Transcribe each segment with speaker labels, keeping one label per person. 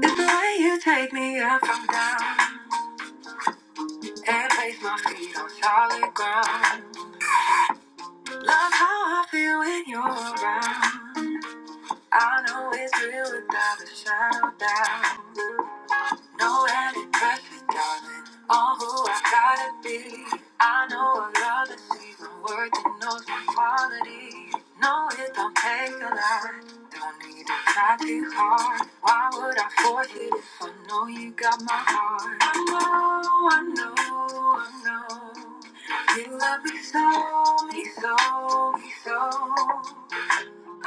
Speaker 1: It's the way you take me up from down and place my feet on solid ground. Love how I feel when you're around. I know it's real without a shadow of doubt. No any pressure, darling. All who I gotta be. I know I love and see the word that knows my quality. No, it don't take a lot. Don't need to try too hard. Why would I force it if I know you got my heart? I know, I know, I know. You love me so, me so, me so.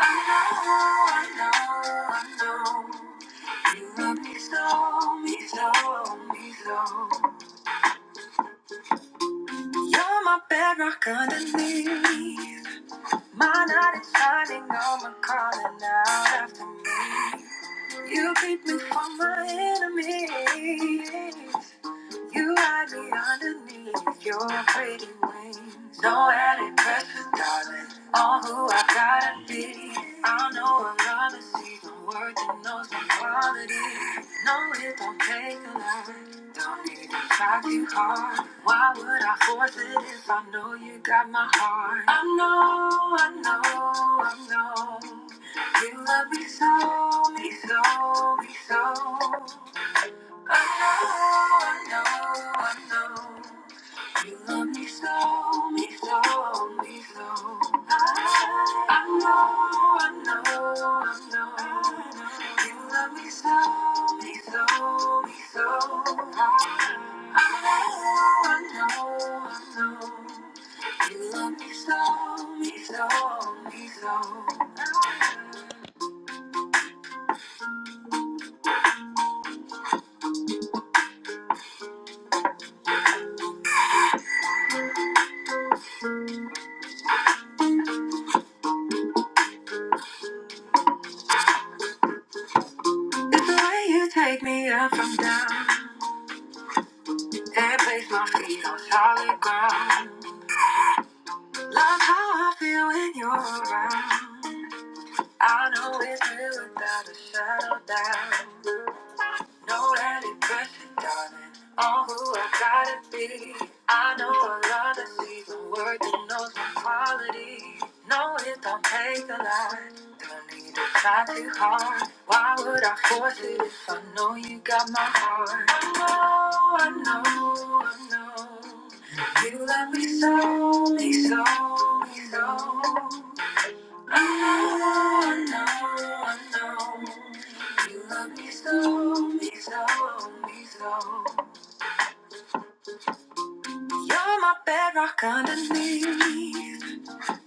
Speaker 1: I know, I know, I know. You love me so, me so, me so. You're my bedrock underneath. My night is shining, no one calling out after me. You keep me from my enemies. You hide me underneath your pretty wings. No added pressure, darling. All who I gotta be. I know another season worth and knows my quality. No, it don't take a lot. Don't need to try too hard. Why would I force it if I know you got my heart? I know, I know, I know. You love me so, me so, me so. I know, I know, I know. You love me so, me so, me so. I, I know, I know, I know. You love me so, me so, me so. I, I know, I know, I know. You love me so, me so, me so. It's the way you take me up from down. and place my feet on solid ground. Love how I feel when you're around. I know it's real without a shadow of doubt. No any pressure, darling. All who I gotta be. I know I love that sees the word that knows my quality. No, it don't take a lot. Don't need to try too hard. Why would I force it if I know you got my heart? I know, I know, I know. You love me so, me so, me so. I know, I know, I know, you love me so, me so, me so. You're my bedrock underneath,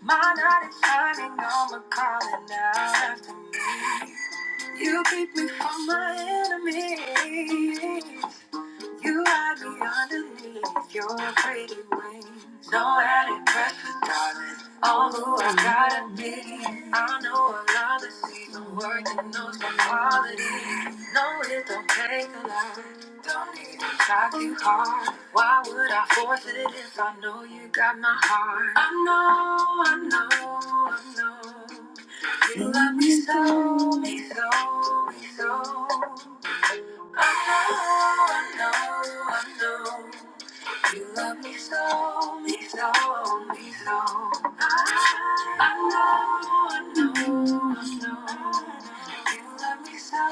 Speaker 1: my night is shining armor calling out after me. You keep me from my enemies. You hide me underneath your pretty wings. No added pressure, darling. All who I gotta be. I know a lot of season work and know some quality. No, it don't take a lot. Don't need to try too hard. Why would I force it if I know you got my heart? I know, I know, I know. You love me so, me so, me so. I know, I know, I know. You love me so, me so, me so. I, I know, I know, I know. You love me so,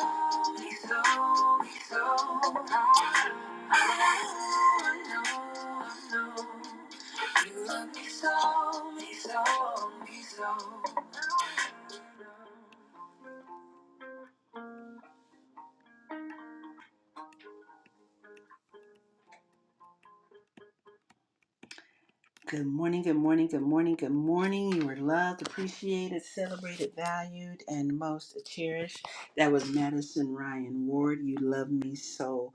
Speaker 1: me so, me so. I, I know, I know, I know. You love me so, me so, me so. Good morning, good morning, good morning. You are loved, appreciated, celebrated, valued, and most cherished. That was Madison Ryan Ward. You love me so.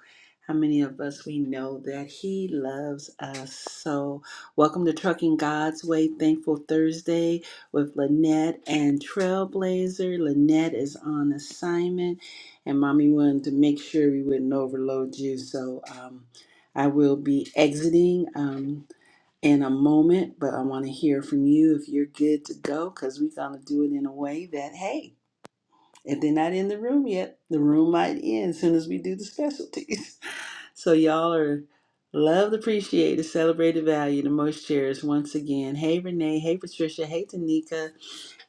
Speaker 1: How many of us we know that he loves us so? Welcome to Trucking God's Way Thankful Thursday with Lynette and Trailblazer. Lynette is on assignment, and mommy wanted to make sure we wouldn't overload you, so um, I will be exiting. Um, in a moment, but I want to hear from you if you're good to go because we're going to do it in a way that, hey, if they're not in the room yet, the room might end as soon as we do the specialties. So, y'all are loved, appreciated, celebrated, valued, and most cherished once again. Hey, Renee. Hey, Patricia. Hey, Tanika.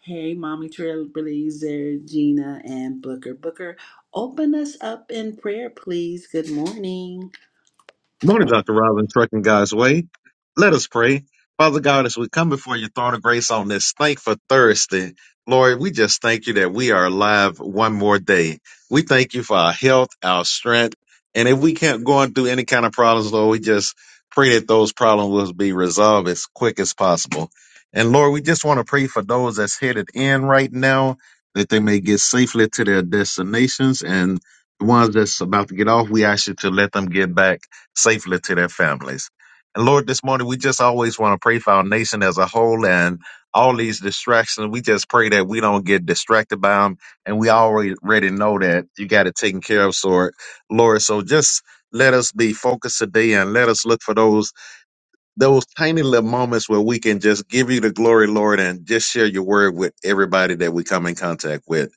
Speaker 1: Hey, Mommy Trailblazer, Gina, and Booker. Booker, open us up in prayer, please. Good morning.
Speaker 2: Morning, Dr. Robin, Trucking God's Way. Let us pray. Father God, as we come before your throne of grace on this thankful Thursday, Lord, we just thank you that we are alive one more day. We thank you for our health, our strength. And if we can't go on through any kind of problems, Lord, we just pray that those problems will be resolved as quick as possible. And Lord, we just want to pray for those that's headed in right now that they may get safely to their destinations. And the ones that's about to get off, we ask you to let them get back safely to their families. And Lord, this morning we just always want to pray for our nation as a whole and all these distractions. We just pray that we don't get distracted by them. And we already know that you got it taken care of. So, Lord, so just let us be focused today and let us look for those those tiny little moments where we can just give you the glory, Lord, and just share your word with everybody that we come in contact with.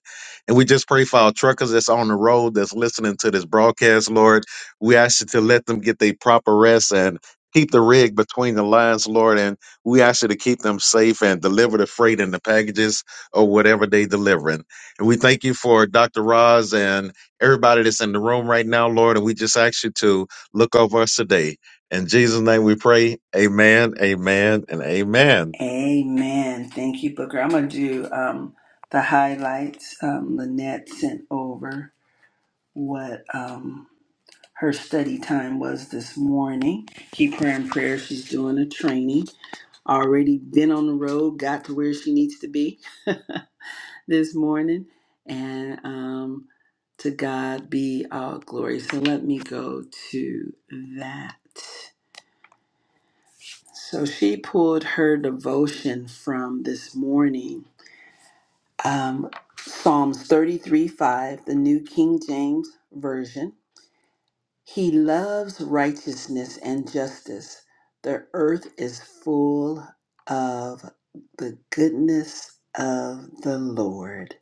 Speaker 2: And we just pray for our truckers that's on the road that's listening to this broadcast, Lord. We ask you to let them get their proper rest and keep the rig between the lines, Lord. And we ask you to keep them safe and deliver the freight and the packages or whatever they delivering. And we thank you for Dr. Roz and everybody that's in the room right now, Lord. And we just ask you to look over us today. In Jesus' name we pray. Amen, amen, and amen.
Speaker 1: Amen. Thank you, Booker. I'm going to do um, the highlights. Um, Lynette sent over what um, her study time was this morning. Keep her in prayer. She's doing a training. Already been on the road, got to where she needs to be this morning. And um, to God be all glory. So let me go to that. So she pulled her devotion from this morning um, Psalms 33 5, the New King James Version. He loves righteousness and justice. The earth is full of the goodness of the Lord.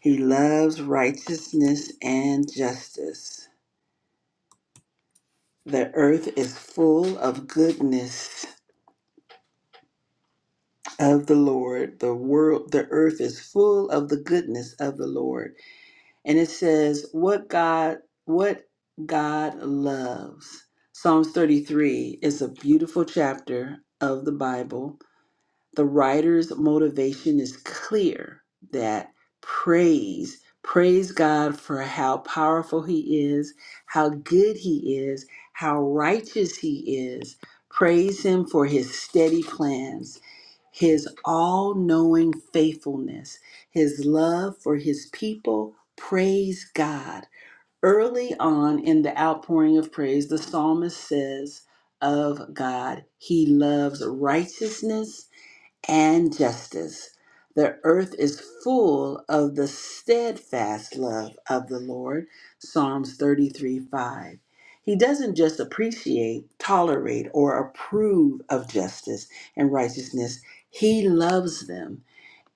Speaker 1: He loves righteousness and justice. The earth is full of goodness of the Lord. The world, the earth is full of the goodness of the Lord. and it says what god what god loves psalms 33 is a beautiful chapter of the bible the writer's motivation is clear that praise, praise God for how powerful he is, how good he is, how righteous he is. Praise him for his steady plans, his all knowing faithfulness, his love for his people. Praise God. Early on in the outpouring of praise, the psalmist says of God, He loves righteousness and justice. The earth is full of the steadfast love of the Lord. Psalms 33 5. He doesn't just appreciate, tolerate, or approve of justice and righteousness, he loves them.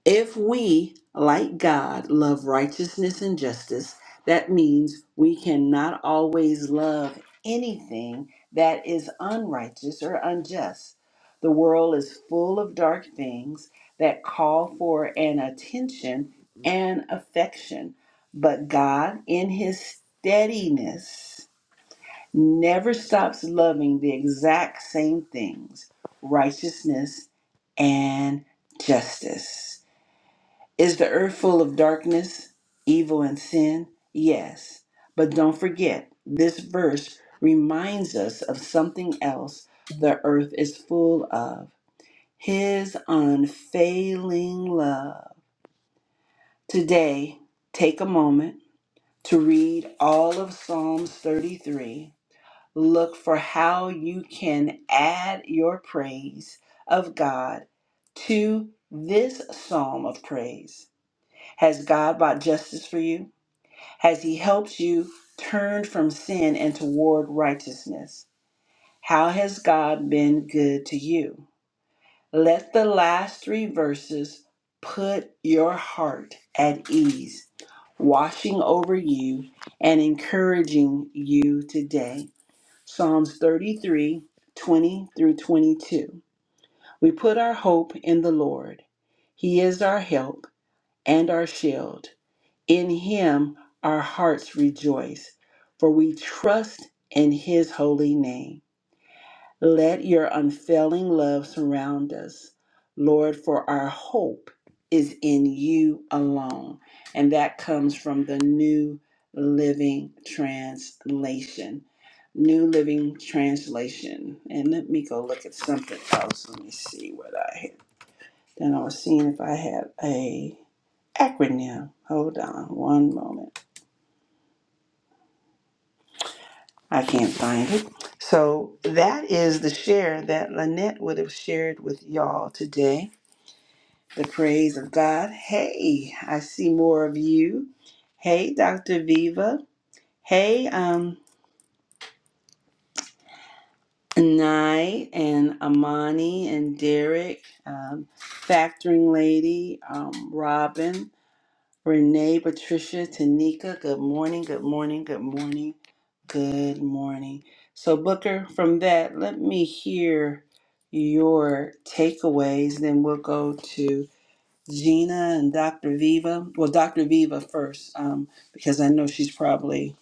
Speaker 1: If we, like God, love righteousness and justice, that means we cannot always love anything that is unrighteous or unjust. The world is full of dark things that call for an attention and affection, but God, in His steadiness, never stops loving the exact same things righteousness and justice. Is the earth full of darkness, evil, and sin? Yes. But don't forget, this verse reminds us of something else the earth is full of His unfailing love. Today, take a moment to read all of Psalms 33. Look for how you can add your praise of God to this psalm of praise. Has God brought justice for you? Has He helped you turn from sin and toward righteousness? How has God been good to you? Let the last three verses put your heart at ease, washing over you and encouraging you today. Psalms 33 20 through 22. We put our hope in the Lord, He is our help and our shield. In him our hearts rejoice, for we trust in his holy name. Let your unfailing love surround us, Lord, for our hope is in you alone. And that comes from the New Living Translation. New Living Translation. And let me go look at something else. Let me see what I had. Then I was seeing if I had a acronym. Hold on one moment. I can't find it. So that is the share that Lynette would have shared with y'all today. The praise of God. Hey, I see more of you. Hey, Dr. Viva. Hey, um, Nye and Amani and Derek, um, Factoring Lady, um, Robin. Renee, Patricia, Tanika, good morning, good morning, good morning, good morning. So, Booker, from that, let me hear your takeaways. Then we'll go to Gina and Dr. Viva. Well, Dr. Viva first, um, because I know she's probably,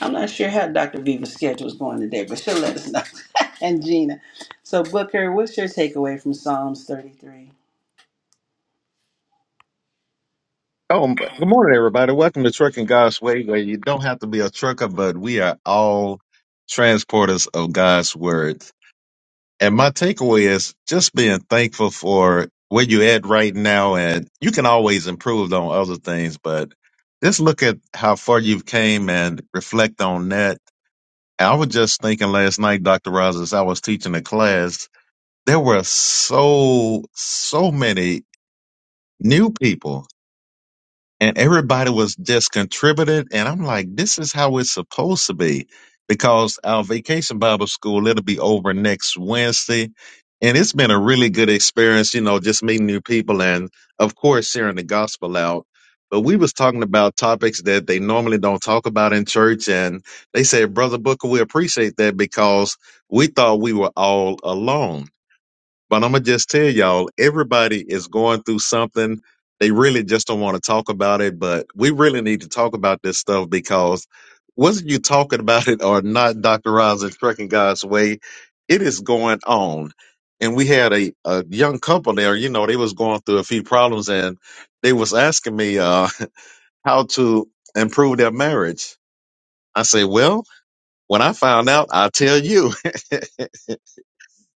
Speaker 1: I'm not sure how Dr. Viva's schedule is going today, but she'll let us know. and Gina. So, Booker, what's your takeaway from Psalms 33?
Speaker 2: Oh, m- good morning, everybody. Welcome to Trucking God's Way, where you don't have to be a trucker, but we are all transporters of God's Word. And my takeaway is just being thankful for where you're at right now. And you can always improve on other things, but just look at how far you've came and reflect on that. I was just thinking last night, Dr. Rogers, I was teaching a class. There were so, so many new people and everybody was just contributed and i'm like this is how it's supposed to be because our vacation bible school it'll be over next wednesday and it's been a really good experience you know just meeting new people and of course sharing the gospel out but we was talking about topics that they normally don't talk about in church and they said brother booker we appreciate that because we thought we were all alone but I'm gonna just tell y'all, everybody is going through something. They really just don't want to talk about it, but we really need to talk about this stuff because whether you talking about it or not, Dr. Roz and Trucking God's Way, it is going on. And we had a, a young couple there, you know, they was going through a few problems and they was asking me uh, how to improve their marriage. I say, well, when I found out, I'll tell you.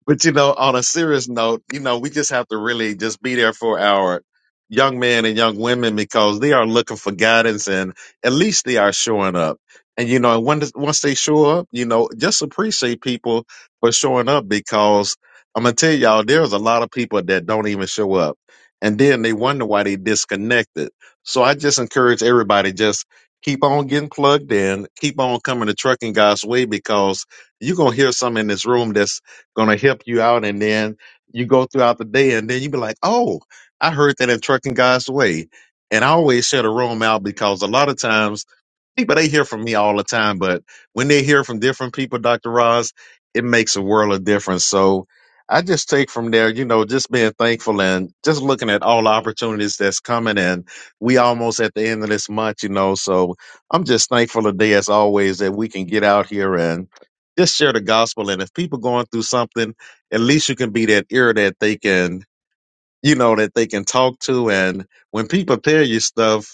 Speaker 2: But you know, on a serious note, you know, we just have to really just be there for our young men and young women because they are looking for guidance and at least they are showing up. And you know, and when, once they show up, you know, just appreciate people for showing up because I'm gonna tell y'all, there's a lot of people that don't even show up. And then they wonder why they disconnected. So I just encourage everybody just keep on getting plugged in, keep on coming to trucking God's way because you're gonna hear some in this room that's gonna help you out and then you go throughout the day and then you be like, Oh, I heard that in Trucking God's Way. And I always share the room out because a lot of times people they hear from me all the time, but when they hear from different people, Dr. Roz, it makes a world of difference. So I just take from there, you know, just being thankful and just looking at all the opportunities that's coming and we almost at the end of this month, you know. So I'm just thankful today as always that we can get out here and just share the gospel and if people going through something, at least you can be that ear that they can you know that they can talk to and when people tell you stuff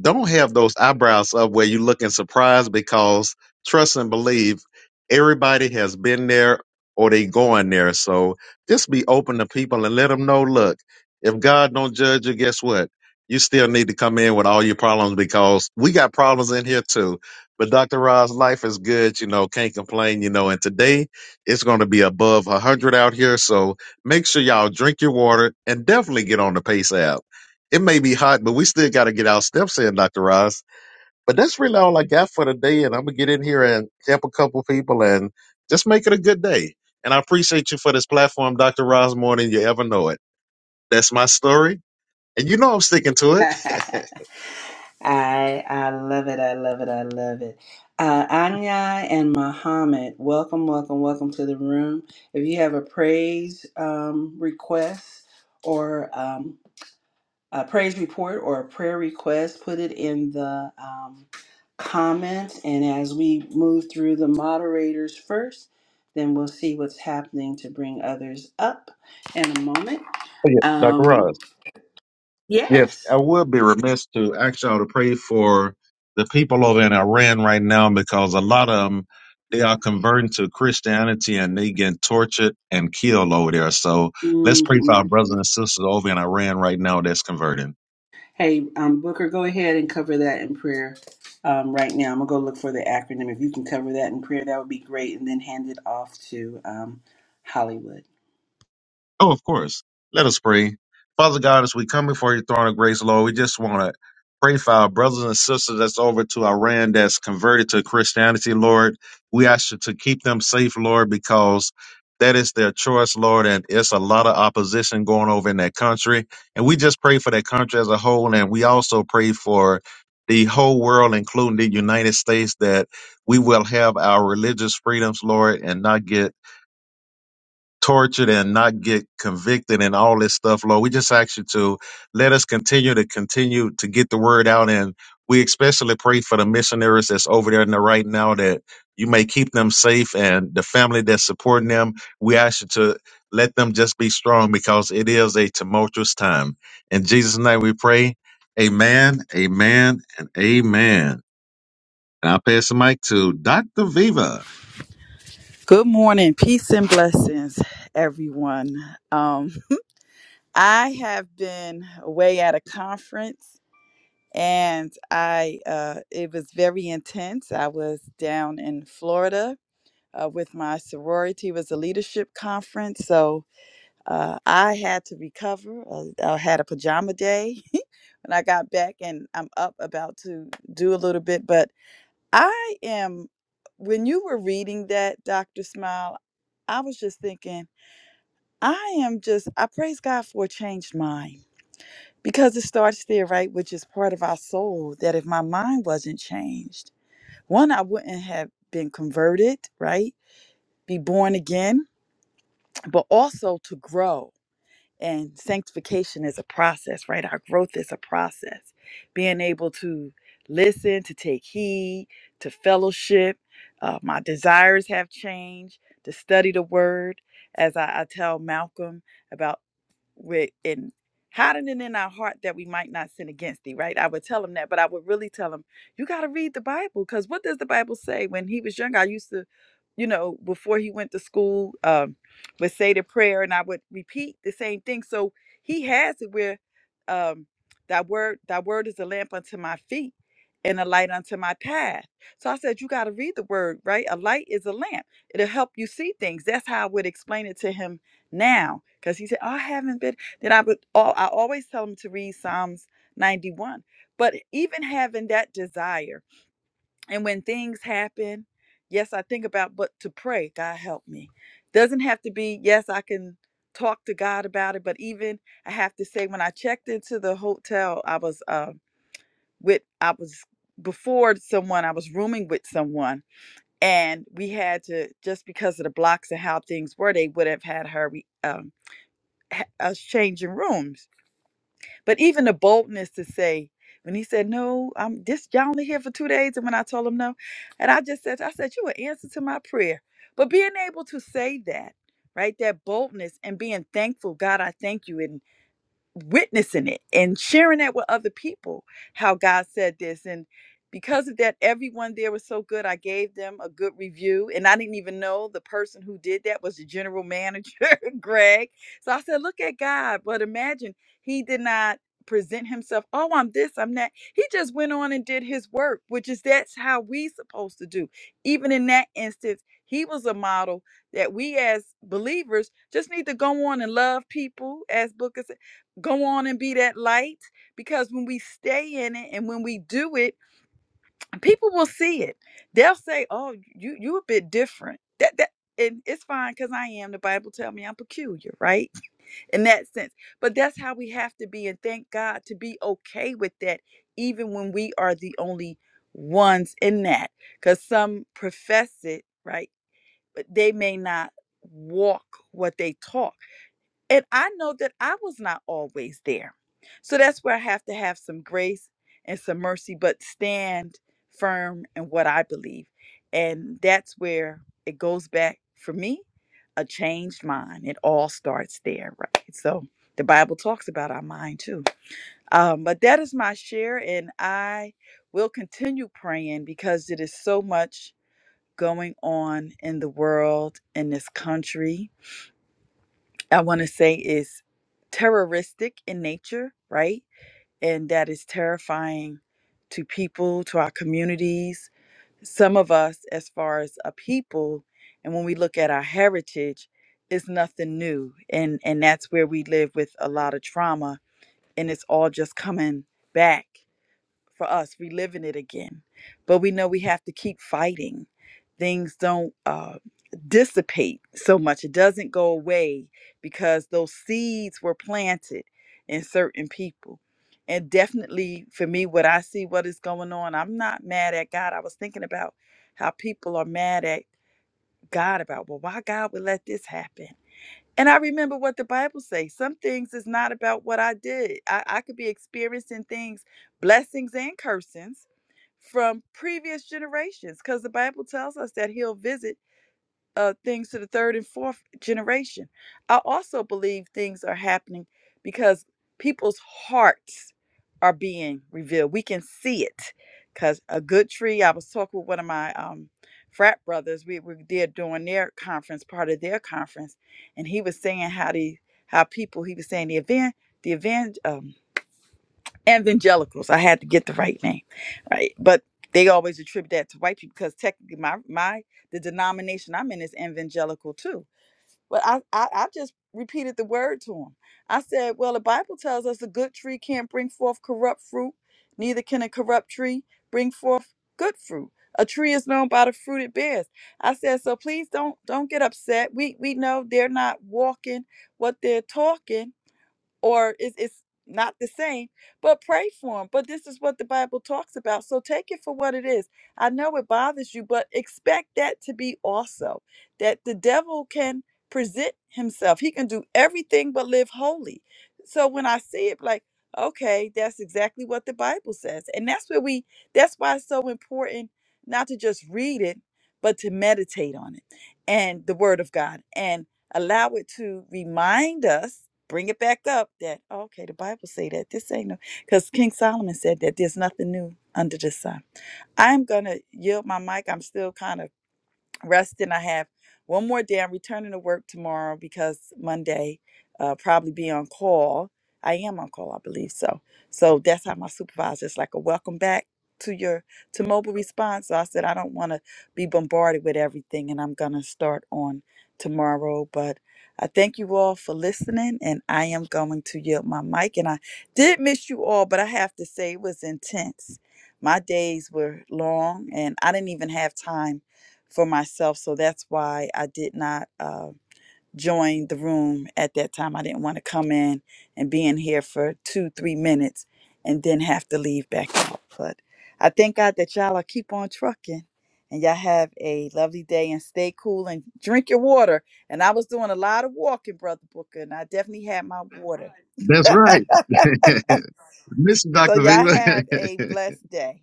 Speaker 2: don't have those eyebrows up where you're looking surprised because trust and believe everybody has been there or they going there. So just be open to people and let them know, look, if God don't judge you, guess what? You still need to come in with all your problems because we got problems in here too. But Dr. Roz, life is good, you know, can't complain, you know, and today it's going to be above 100 out here. So make sure y'all drink your water and definitely get on the Pace app. It may be hot, but we still got to get our steps in, Dr. Ross. But that's really all I got for today. And I'm going to get in here and help a couple people and just make it a good day. And I appreciate you for this platform, Dr. Ross, more than you ever know it. That's my story. And you know I'm sticking to it.
Speaker 1: I I love it. I love it. I love it. Uh, Anya and Muhammad, welcome, welcome, welcome to the room. If you have a praise um, request or um, a praise report or a prayer request, put it in the um, comments. And as we move through the moderators first, then we'll see what's happening to bring others up in a moment.
Speaker 2: Oh, yeah, Dr. Ross.
Speaker 1: Um,
Speaker 2: Yes,
Speaker 1: yes.
Speaker 2: I would be remiss to ask y'all to pray for the people over in Iran right now because a lot of them they are converting to Christianity and they get tortured and killed over there. So let's pray
Speaker 1: Mm-hmm.
Speaker 2: for our brothers and sisters over in Iran right now that's converting.
Speaker 1: Hey, um, Booker, go ahead and cover that in prayer um, right now. I'm going to go look for the acronym. If you can cover that in prayer, that would be great. And then hand it off to um, Hollywood.
Speaker 2: Oh, of course. Let us pray. Father God, as we come before your throne of grace, Lord, we just want to pray for our brothers and sisters that's over to Iran that's converted to Christianity, Lord. We ask you to keep them safe, Lord, because that is their choice, Lord, and it's a lot of opposition going over in that country. And we just pray for that country as a whole, and we also pray for the whole world, including the United States, that we will have our religious freedoms, Lord, and not get tortured and not get convicted and all this stuff, Lord. We just ask you to let us continue to continue to get the word out. And we especially pray for the missionaries that's over there in the right now that you may keep them safe and the family that's supporting them. We ask you to let them just be strong because it is a tumultuous time. In Jesus' name we pray. Amen, amen, and amen. And I'll pass the mic to Dr. Viva.
Speaker 3: Good morning, peace and blessings, everyone. Um, I have been away at a conference, and I uh, it was very intense. I was down in Florida uh, with my sorority. It was a leadership conference, so uh, I had to recover. Uh, I had a pajama day when I got back, and I'm up about to do a little bit. But I am. When you were reading that, Doctor Smile, I was just thinking. I am just, I praise God for a changed mind because it starts there, right? Which is part of our soul. That if my mind wasn't changed, one, I wouldn't have been converted, right? Be born again, but also to grow. And sanctification is a process, right? Our growth is a process. Being able to listen, to take heed, to fellowship. Uh, my desires have changed, to study the word. As I, I tell Malcolm, about with and hiding it in our heart that we might not sin against thee, right? I would tell him that, but I would really tell him, you got to read the Bible because what does the Bible say? When he was younger, I used to, you know, before he went to school, um, would say the prayer and I would repeat the same thing. So he has it where um, thy word, thy word is a lamp unto my feet and a light unto my path. So I said, you got to read the word, right? A light is a lamp. It'll help you see things. That's how I would explain it to him now because he said oh, i haven't been then i would all i always tell him to read psalms 91 but even having that desire and when things happen yes i think about but to pray god help me doesn't have to be yes i can talk to god about it but even i have to say when i checked into the hotel i was uh with i was before someone i was rooming with someone and we had to just because of the blocks and how things were they would have had her um ha- us changing rooms. But even the boldness to say, when he said, No, I'm this y'all only here for two days, and when I told him no, and I just said, I said, You an answer to my prayer. But being able to say that, right? That boldness and being thankful, God, I thank you. and witnessing it and sharing that with other people how God said this and because of that everyone there was so good I gave them a good review and I didn't even know the person who did that was the general manager Greg so I said look at God but imagine he did not present himself oh I'm this I'm that he just went on and did his work which is that's how we supposed to do even in that instance he was a model that we as believers just need to go on and love people as book go on and be that light because when we stay in it and when we do it people will see it they'll say oh you you a bit different that that and it's fine because i am the bible tell me i'm peculiar right in that sense but that's how we have to be and thank god to be okay with that even when we are the only ones in that because some profess it right but they may not walk what they talk and I know that I was not always there. So that's where I have to have some grace and some mercy, but stand firm in what I believe. And that's where it goes back for me a changed mind. It all starts there, right? So the Bible talks about our mind too. Um, but that is my share, and I will continue praying because it is so much going on in the world, in this country I want to say is terroristic in nature, right? And that is terrifying to people, to our communities, some of us, as far as a people. And when we look at our heritage, it's nothing new. And, and that's where we live with a lot of trauma. And it's all just coming back for us. We live in it again, but we know we have to keep fighting. Things don't uh, dissipate so much. It doesn't go away because those seeds were planted in certain people. And definitely for me, what I see, what is going on, I'm not mad at God. I was thinking about how people are mad at God about, well, why God would let this happen? And I remember what the Bible says. Some things is not about what I did. I, I could be experiencing things, blessings and cursings from previous generations, because the Bible tells us that he'll visit uh, things to the third and fourth generation. I also believe things are happening because people's hearts are being revealed. We can see it because a good tree. I was talking with one of my um, frat brothers. We were there during their conference, part of their conference, and he was saying how the how people. He was saying the event, the event. um evangelicals. I had to get the right name, right? But they always attribute that to white people because technically my my the denomination I'm in is evangelical too. But I I, I just repeated the word to him. I said, well, the Bible tells us a good tree can't bring forth corrupt fruit, neither can a corrupt tree bring forth good fruit. A tree is known by the fruit it bears. I said, so please don't don't get upset. We we know they're not walking what they're talking or it's, it's not the same, but pray for them. But this is what the Bible talks about. So take it for what it is. I know it bothers you, but expect that to be also that the devil can present himself, he can do everything but live holy. So when I see it, like, okay, that's exactly what the Bible says. And that's where we, that's why it's so important not to just read it, but to meditate on it and the Word of God and allow it to remind us bring it back up that "Oh, okay the bible say that this ain't no because king solomon said that there's nothing new under the sun i'm gonna yield my mic i'm still kind of resting. I have one more day. I'm returning to work tomorrow because Monday, uh, probably be on call. I am on call, I believe so. So that's how my supervisor is like a welcome back to your to mobile response. So I said I don't want to be bombarded with everything, and I'm gonna start on tomorrow. But I thank you all for listening, and I am going to yield my mic. And I did miss you all, but I have to say it was intense. My days were long, and I didn't even have time for myself. So that's why I did not uh, join the room at that time. I didn't want to come in and be in here for two, three minutes and then have to leave back out. But I thank God that y'all are keep on trucking. And y'all have a lovely day and stay cool and drink your water. And I was doing a lot of walking, Brother Booker, and I definitely had my water.
Speaker 2: That's right. Miss
Speaker 3: so
Speaker 2: Dr.
Speaker 3: y'all have
Speaker 2: Viva.
Speaker 3: a blessed day.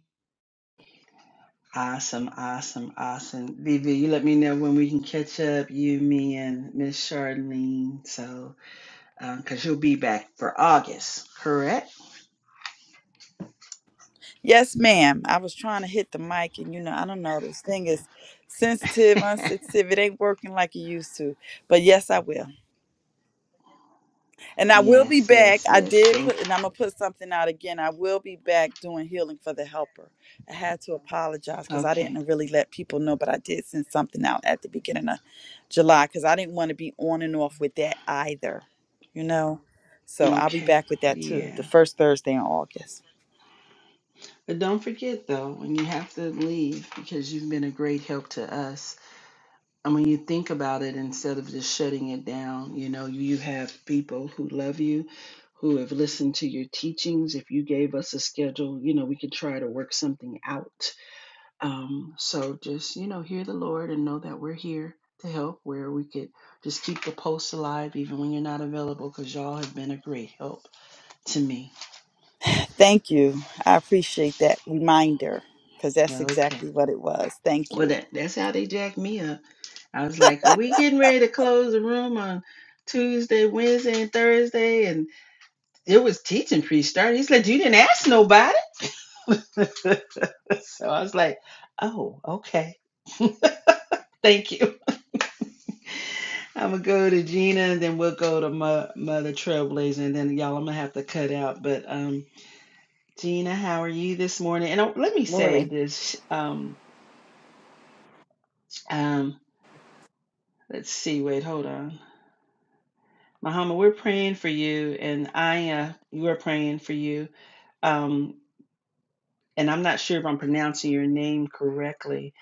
Speaker 1: Awesome, awesome, awesome. Vivi, you let me know when we can catch up, you, me, and Miss Charlene. So, because you'll be back for August, correct?
Speaker 3: Yes, ma'am. I was trying to hit the mic, and you know, I don't know. This thing is sensitive, unsensitive. It ain't working like it used to. But yes, I will. And I will be
Speaker 1: Yes,
Speaker 3: back.
Speaker 1: yes,
Speaker 3: I
Speaker 1: yes.
Speaker 3: did
Speaker 1: Thank
Speaker 3: put, and I'm going to put something out again. I will be back doing healing for the helper. I had to apologize because I
Speaker 1: okay.
Speaker 3: didn't really let people know, but I did send something out at the beginning of July because I didn't want to be on and off with that either, you know? So I'll be
Speaker 1: Okay.
Speaker 3: back with that too, the
Speaker 1: Yeah.
Speaker 3: first Thursday in August.
Speaker 1: But don't forget though, when you have to leave because you've been a great help to us. And when you think about it, instead of just shutting it down, you know, you have people who love you, who have listened to your teachings. If you gave us a schedule, you know, we could try to work something out. Um, so just, you know, hear the Lord and know that we're here to help where we could just keep the post alive even when you're not available because y'all have been a great help to me.
Speaker 3: Thank you. I appreciate that reminder because that's
Speaker 1: Okay.
Speaker 3: exactly what it was. Thank
Speaker 1: Well,
Speaker 3: you.
Speaker 1: that, that's how they jacked me up. I was like, are we getting ready to close the room on Tuesday, Wednesday, and Thursday? And it was teaching pre-start. He's like, you didn't ask nobody. so I was like, oh, okay. Thank you. I'm gonna go to Gina, and then we'll go to Mo- Mother Trailblazer, and then y'all, I'm gonna have to cut out. But um, Gina, how are you this morning? And uh, let me say
Speaker 4: Morning.
Speaker 1: this. Um, um, let's see. Wait, hold on. Muhammad, we're praying for you, and Aya, you are praying for you. Um, and I'm not sure if I'm pronouncing your name correctly,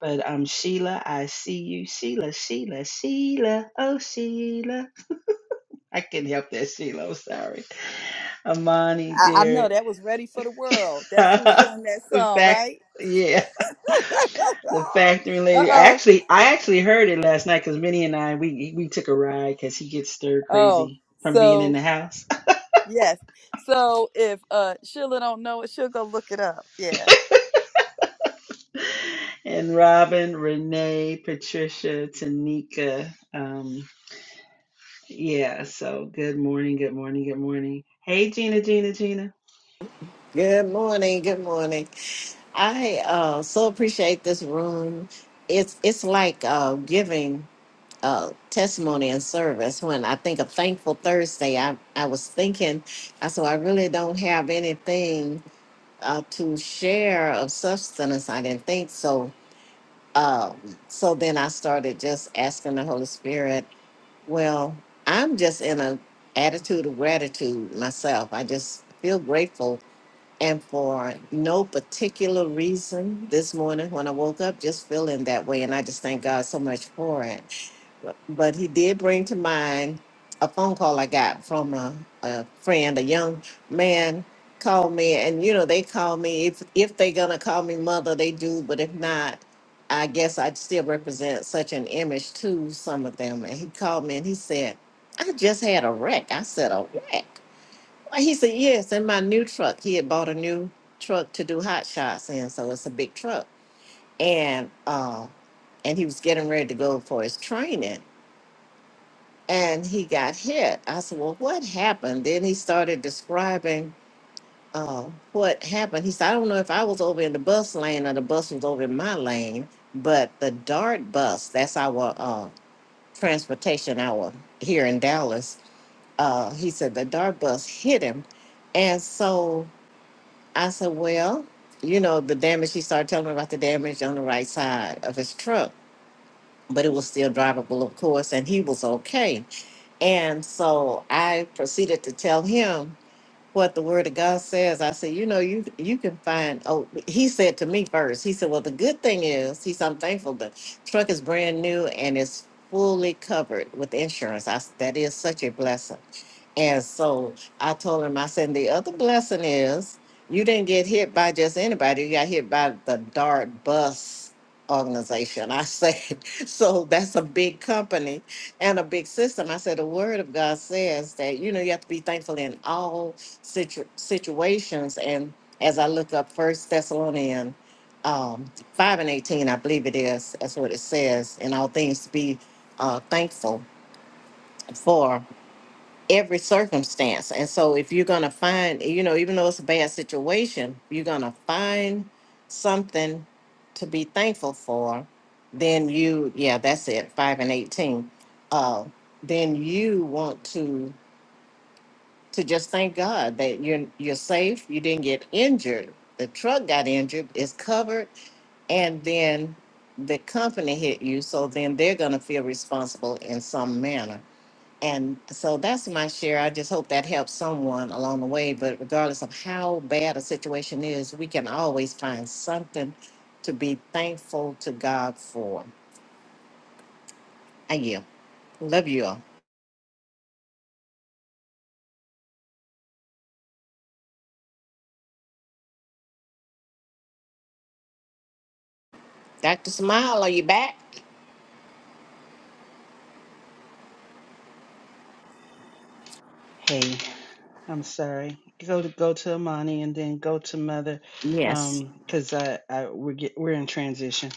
Speaker 1: but um, Sheila, I see you. Sheila, Sheila, Sheila, oh, Sheila. I can't help that, Sheila. I'm sorry. Amani,
Speaker 3: I, I know
Speaker 1: dear.
Speaker 3: that was Ready for the World. That's who sung that
Speaker 1: the
Speaker 3: song,
Speaker 1: fact,
Speaker 3: right?
Speaker 1: yeah. The factory
Speaker 3: uh
Speaker 1: lady. I
Speaker 3: oh.
Speaker 1: actually, I actually heard it last night because Minnie and I, we we took a ride because he gets stir
Speaker 3: Oh.
Speaker 1: crazy from being in
Speaker 3: So
Speaker 1: the house.
Speaker 3: yes. So if uh Sheila don't know it, she'll go look it up. Yeah.
Speaker 1: and Robin, Renee, Patricia, Tanika. Um, yeah, so good morning, good morning, good morning. Hey, Gina, Gina, Gina.
Speaker 4: Good morning. Good morning. I uh, so appreciate this room. It's it's like uh, giving uh, testimony and service. When I think of Thankful Thursday, I, I was thinking, I so I really don't have anything uh, to share of substance. I didn't think so. Uh, so then I started just asking the Holy Spirit. Well, I'm just in a attitude of gratitude myself. I just feel grateful And for no particular reason, this morning when I woke up, just feeling that way. And I just thank God so much for it. But but He did bring to mind a phone call I got from a, a friend, a young man called me. And, you know, they call me, if, if they're going to call me mother, they do. But if not, I guess I'd still represent such an image to some of them. And he called me and he said, I just had a wreck. I said, a wreck. Well, He said, yes, in my new truck. He had bought a new truck to do hot shots in, so it's a big truck. And uh, and he was getting ready to go for his training, and he got hit. I said, well, what happened? Then he started describing uh, what happened. He said, I don't know if I was over in the bus lane or the bus was over in my lane, but the Dart bus, that's our uh, transportation hour here in Dallas. Uh, he said the Dart bus hit him, and so. I said, well, you know, the damage, he started telling me about the damage on the right side of his truck, but it was still drivable, of course, and he was okay. And so I proceeded to tell him what the word of God says. I said, you know, you you can find oh he said to me first, he said, Well the good thing is, he said, I'm thankful the truck is brand new and it's fully covered with insurance. I s- that is such a blessing. And so I told him, I said, the other blessing is you didn't get hit by just anybody. You got hit by the Dart Bus organization. I said, so that's a big company and a big system. I said, the word of God says that, you know, you have to be thankful in all situ- situations. And as I look up First Thessalonians um, five and eighteen, I believe it is. That's what it says. In all things, to be uh, thankful for every circumstance. And so, if you're gonna find, you know, even though it's a bad situation, you're gonna find something to be thankful for. Then you, yeah, that's it. Five and eighteen. Uh, then you want to to just thank God that you're you're safe. You didn't get injured. The truck got injured. It's covered, and then the company hit you. So then they're gonna feel responsible in some manner. And so that's my share. I just hope that helps someone along the way. But regardless of how bad a situation is, we can always find something to be thankful to God for. I you. Love you all. Dr. Smile, are you back?
Speaker 1: Hey, I'm sorry. Go to go to Amani and then go to Mother,
Speaker 4: Yes.
Speaker 1: um, because I, I we're get, we're in transition.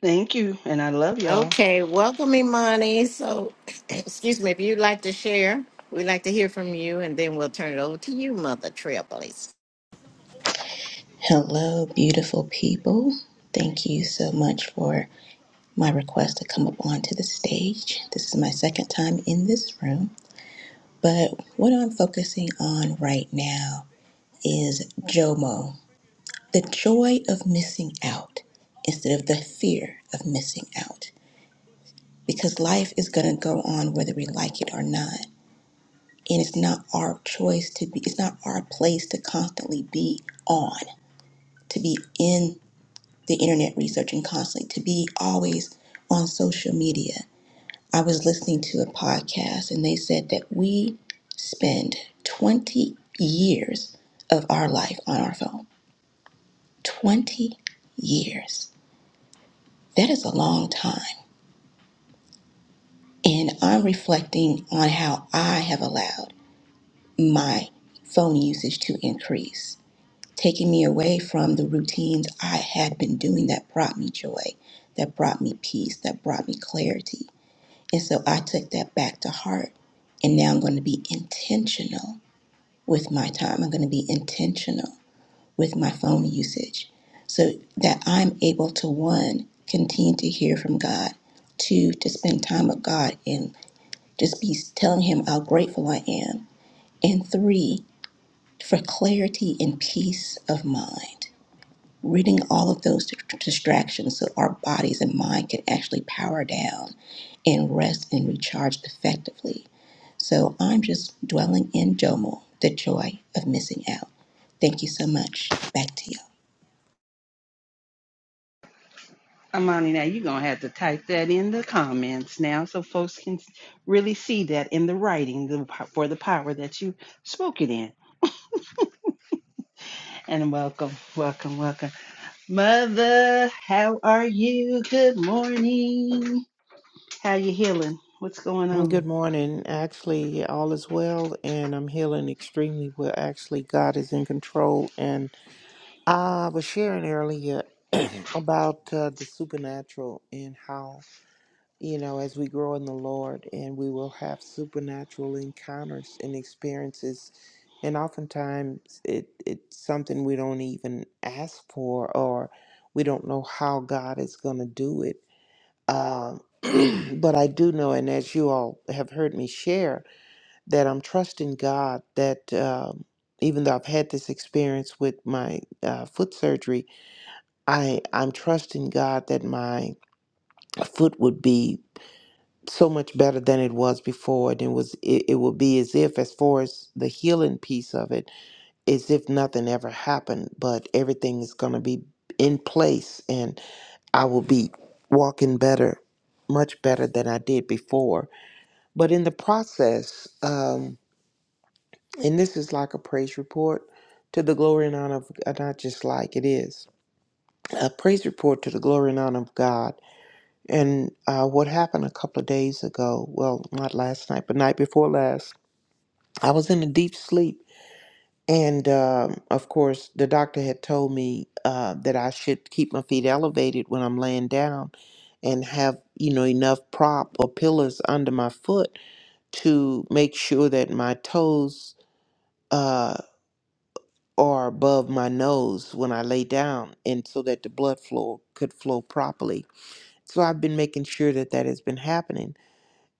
Speaker 1: Thank you, and I love y'all.
Speaker 4: Okay, welcome, Imani. So, excuse me, if you'd like to share, we'd like to hear from you, and then we'll turn it over to you, Mother Trailblaze.
Speaker 5: Hello, beautiful people. Thank you so much for my request to come up onto the stage. This is my second time in this room, but what I'm focusing on right now is JOMO, the joy of missing out instead of the fear of missing out. Because life is going to go on whether we like it or not. And it's not our choice to be, it's not our place to constantly be on, to be in the internet researching constantly, to be always on social media. I was listening to a podcast and they said that we spend 20 years of our life on our phone. 20 years. That is a long time. And I'm reflecting on how I have allowed my phone usage to increase, taking me away from the routines I had been doing that brought me joy, that brought me peace, that brought me clarity. And so I took that back to heart. And now I'm going to be intentional with my time. I'm going to be intentional with my phone usage so that I'm able to, one, continue to hear from God, two, to spend time with God and just be telling Him how grateful I am, and three, for clarity and peace of mind ridding all of those distractions so our bodies and mind can actually power down and rest and recharge effectively. So I'm just dwelling in Jomo, the joy of missing out. Thank you so much. Back to you.
Speaker 1: Amani, now you're going to have to type that in the comments now so folks can really see that in the writing the, po- for the power that you spoke it in. And welcome, welcome, welcome. Mother, how are you? Good morning. How you healing? What's going on?
Speaker 6: Good morning. Actually, all is well, and I'm healing extremely well. Actually, God is in control. And I was sharing earlier about uh, the supernatural and how, you know, as we grow in the Lord and we will have supernatural encounters and experiences. And oftentimes it, it's something we don't even ask for or we don't know how God is going to do it um, but I do know, and as you all have heard me share, that I'm trusting God that um, even though I've had this experience with my uh, foot surgery, I, I'm trusting God that my foot would be so much better than it was before and it was it, it will be as if as far as the healing piece of it as if nothing ever happened but everything is going to be in place and i will be walking better much better than i did before But in the process, um, and this is like a praise report to the glory and honor of uh, not just like it is a praise report to the glory and honor of God. And uh, what happened a couple of days ago? Well, not last night, but night before last, I was in a deep sleep, and um, of course, the doctor had told me uh, that I should keep my feet elevated when I'm laying down, and have you know enough prop or pillars under my foot to make sure that my toes uh, or above my nose when I lay down, and so that the blood flow could flow properly. So I've been making sure that that has been happening.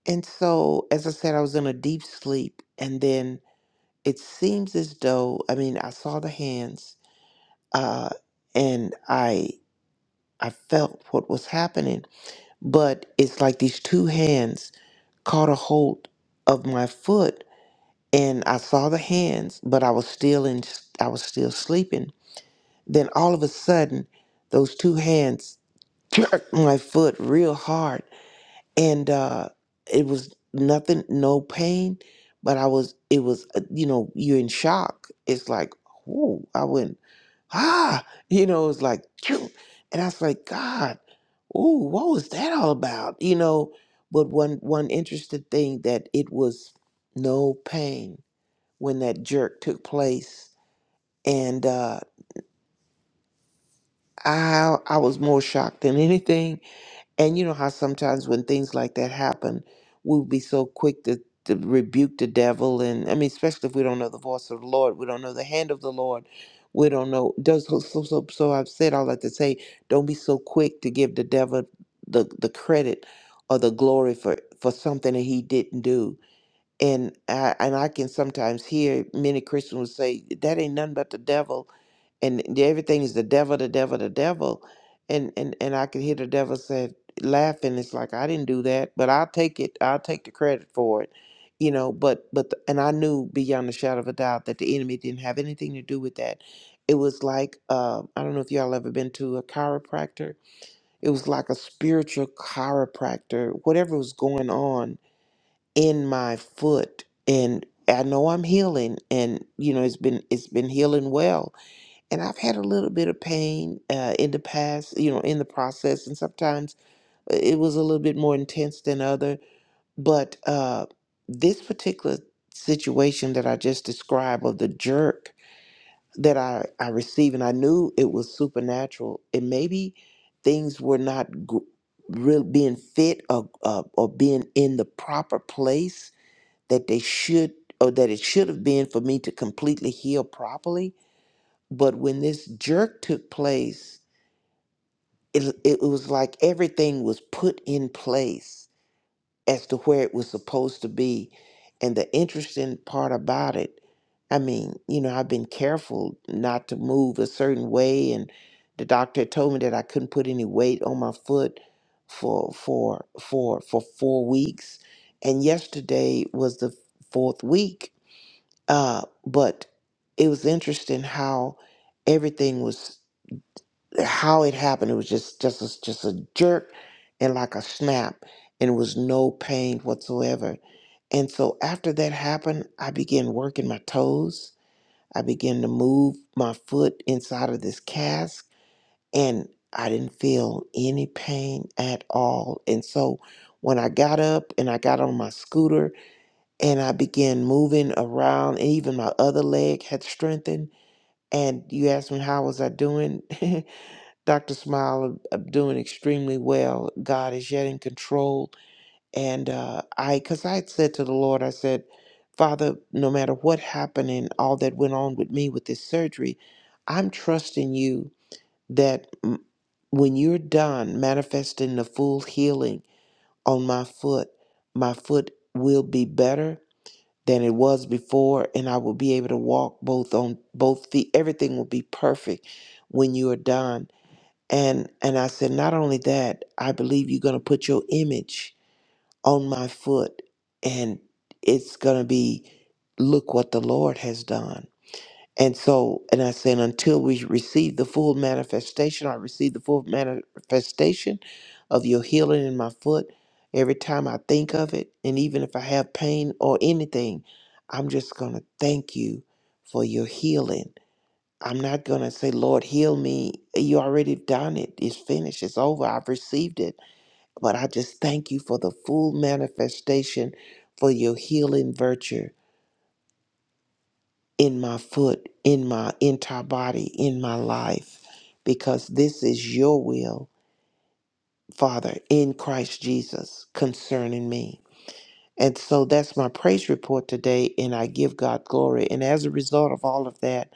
Speaker 6: And so, as I said, I was in a deep sleep, and then it seems as though I mean I saw the hands, uh, and I I felt what was happening, but it's like these two hands caught a hold of my foot, and I saw the hands, but I was still in I was still sleeping Then all of a sudden, those two hands jerked my foot real hard, and uh, it was nothing, no pain, but I was, it was, uh, you know, you're in shock. It's like, oh, I went ah, you know, it was like, "Phew." and I was like, God, oh, what was that all about, you know? But one one interesting thing that it was no pain when that jerk took place, and uh, I I was more shocked than anything. And you know how sometimes when things like that happen, we'll be so quick to, to rebuke the devil and I mean especially if we don't know the voice of the Lord, we don't know the hand of the Lord, we don't know does so so so so I've said all that to say, don't be so quick to give the devil the, the credit or the glory for, for something that he didn't do and I, and I can sometimes hear many Christians will say that ain't nothing but the devil, and th- everything is the devil, the devil, the devil, and and and I can hear the devil say laughing. It's like I didn't do that, but I'll take it. I'll take the credit for it, you know. But but the- and I knew beyond a shadow of a doubt that the enemy didn't have anything to do with that. It was like uh, I don't know if y'all ever been to a chiropractor. It was like a spiritual chiropractor. Whatever was going on in my foot and I know I'm healing and you know it's been it's been healing well and I've had a little bit of pain uh, in the past you know in the process and sometimes uh, it was a little bit more intense than other but uh this particular situation that I just described of the jerk that I I received and I knew it was supernatural and maybe things were not gr- real being fit or, uh, or being in the proper place that they should or that it should have been for me to completely heal properly. But when this jerk took place, it, it was like everything was put in place as to where it was supposed to be. And the interesting part about it, I mean, you know, I've been careful not to move a certain way and the doctor told me that I couldn't put any weight on my foot for for for for 4 weeks and yesterday was the fourth week uh, but it was interesting how everything was how it happened. It was just just a, just a jerk and like a snap, and it was no pain whatsoever. And so after that happened, I began working my toes. I began to move my foot inside of this cast, and I didn't feel any pain at all. And so when I got up and I got on my scooter and I began moving around, and even my other leg had strengthened. And you asked me how was I doing, Doctor Smile? I'm I'm doing extremely well. God is yet in control, and uh, I, because I had said to the Lord, I said, Father, no matter what happened and all that went on with me with this surgery, I'm trusting you that mm, when you're done manifesting the full healing on my foot, my foot will be better than it was before and I will be able to walk both on both feet. Everything will be perfect when you are done. And and I said not only that, I believe you're going to put your image on my foot and it's going to be look what the Lord has done and so, and I said, until we receive the full manifestation, I receive the full manifestation of your healing in my foot. Every time I think of it, and even if I have pain or anything, I'm just going to thank you for your healing. I'm not going to say, Lord, heal me. You already done it. It's finished. It's over. I've received it. But I just thank you for the full manifestation for your healing virtue in my foot, in my entire body, in my life, because this is your will, Father, in Christ Jesus concerning me. And so that's my praise report today, and I give God glory. And as a result of all of that,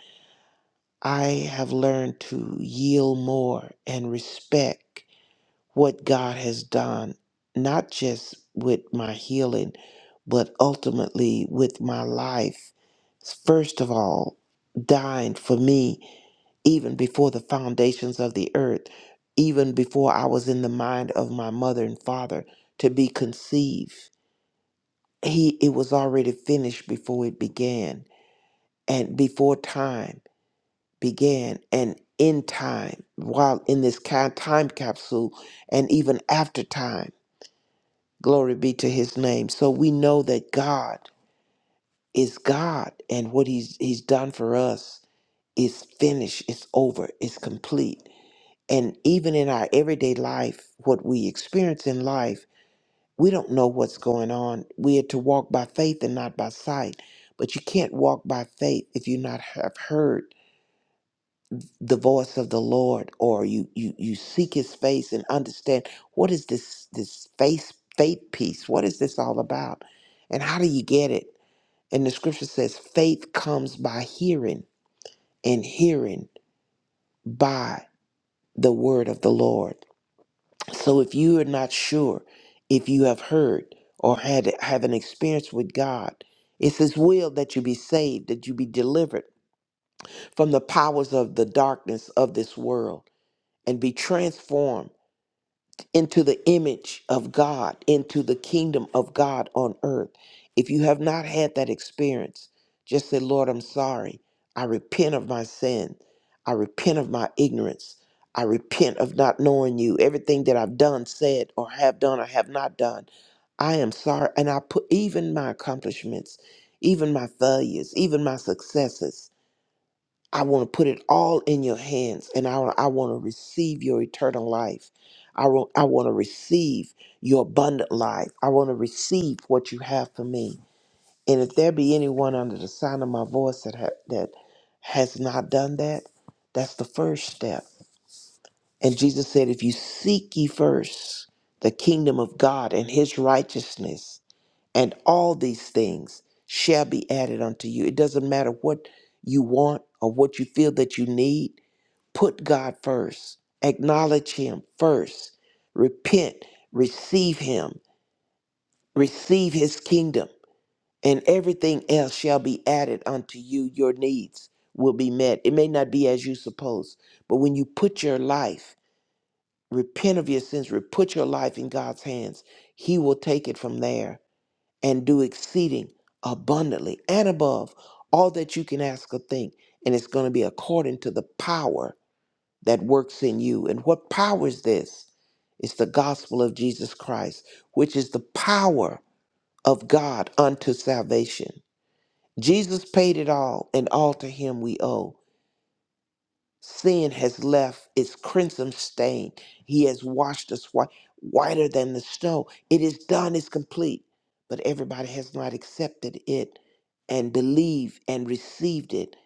Speaker 6: I have learned to yield more and respect what God has done, not just with my healing, but ultimately with my life. First of all, dying for me even before the foundations of the earth, even before I was in the mind of my mother and father to be conceived. He it was already finished before it began and before time began and in time while in this ca- time capsule and even after time. Glory be to his name. So we know that God is God and what he's he's done for us is finished, it's over, it's complete. And even in our everyday life, what we experience in life, we don't know what's going on. We are to walk by faith and not by sight. But you can't walk by faith if you not have heard the voice of the Lord or you you you seek his face and understand what is this this faith faith piece? What is this all about? And how do you get it? And the scripture says faith comes by hearing and hearing by the word of the Lord. So if you are not sure if you have heard or had have an experience with God, it's his will that you be saved, that you be delivered from the powers of the darkness of this world and be transformed into the image of God, into the kingdom of God on earth. If you have not had that experience, just say, Lord, I'm sorry. I repent of my sin. I repent of my ignorance. I repent of not knowing you. Everything that I've done, said, or have done, or have not done. I am sorry. And I put even my accomplishments, even my failures, even my successes. I want to put it all in your hands and I, I want to receive your eternal life. I want, I want to receive your abundant life. I want to receive what you have for me. And if there be anyone under the sound of my voice that, ha- that has not done that, that's the first step. And Jesus said, If you seek ye first the kingdom of God and his righteousness, and all these things shall be added unto you. It doesn't matter what you want or what you feel that you need Put God first, acknowledge Him first, repent, receive Him, receive His kingdom, and everything else shall be added unto you. Your needs will be met. It may not be as you suppose, but when you put your life, repent of your sins, re- put your life in God's hands, He will take it from there and do exceeding abundantly and above all that you can ask or think. And it's going to be according to the power that works in you. And what power is this? It's the gospel of Jesus Christ, which is the power of God unto salvation. Jesus paid it all, and all to him we owe. Sin has left its crimson stain. He has washed us white, whiter than the snow. It is done, it's complete. But everybody has not accepted it and believed and received it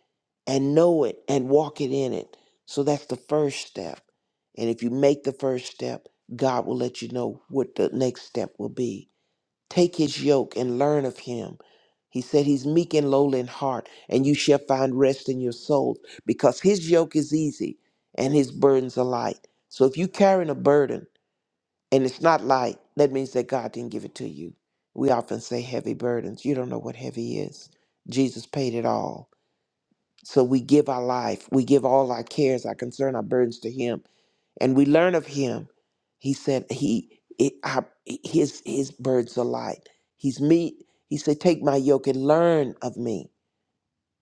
Speaker 6: and know it and walk it in it. So that's the first step. And if you make the first step, God will let you know what the next step will be. Take his yoke and learn of him. He said he's meek and lowly in heart, and you shall find rest in your soul because his yoke is easy and his burdens are light. So if you're carrying a burden and it's not light, that means that God didn't give it to you. We often say heavy burdens. You don't know what heavy is. Jesus paid it all. So we give our life, we give all our cares, our concern, our burdens to Him, and we learn of Him. He said, "He, it, our, his, his burdens are light. He's meat." He said, "Take my yoke and learn of me."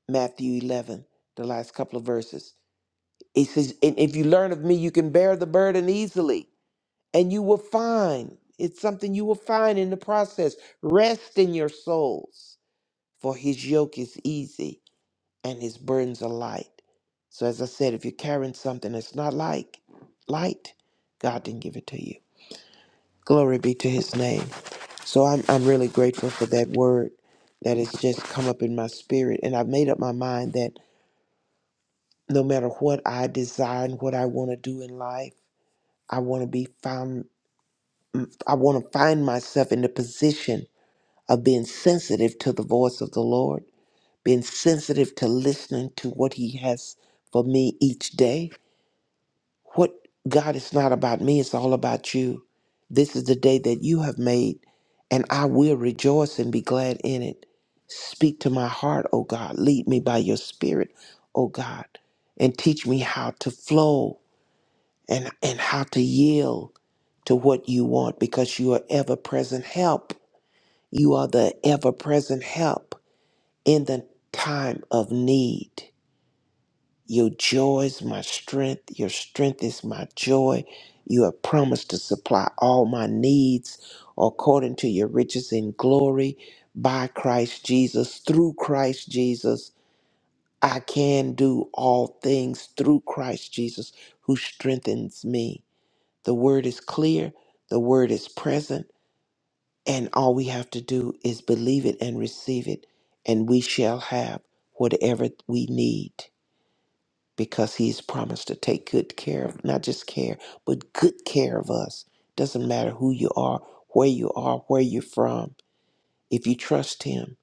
Speaker 6: Matthew eleven, the last couple of verses. He says, "And if you learn of me, you can bear the burden easily, and you will find it's something you will find in the process. Rest in your souls, for His yoke is easy and his burdens are light. So as I said, if you're carrying something that's not like light, God didn't give it to you. Glory be to his name. So I'm I'm really grateful for that word that has just come up in my spirit. And I've made up my mind that no matter what I desire and what I want to do in life, I want to be found I want to find myself in the position of being sensitive to the voice of the Lord, being sensitive to listening to what he has for me each day What God, it's not about me, it's all about you. This is the day that you have made, and I will rejoice and be glad in it. Speak to my heart, O God. Lead me by your spirit, O God, and teach me how to flow and, and how to yield to what you want because you are ever present help. You are the ever present help in the time of need. Your joy is my strength. Your strength is my joy. You have promised to supply all my needs according to your riches in glory by Christ Jesus, through Christ Jesus. I can do all things through Christ Jesus who strengthens me. The word is clear, the word is present, and all we have to do is believe it and receive it, and we shall have whatever we need because he's promised to take good care of not just care but good care of us doesn't matter who you are where you are where you're from if you trust him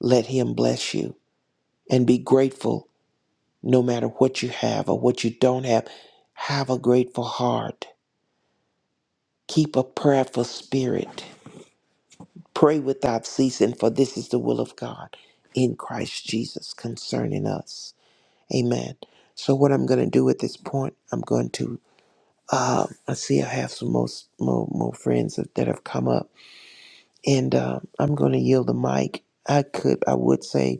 Speaker 6: let him bless you and be grateful no matter what you have or what you don't have have a grateful heart keep a prayerful spirit pray without ceasing for this is the will of god in christ jesus concerning us amen so what i'm going to do at this point i'm going to Um, I see I have some most more, more friends that, that have come up, and um, I'm going to yield the mic. I could, I would say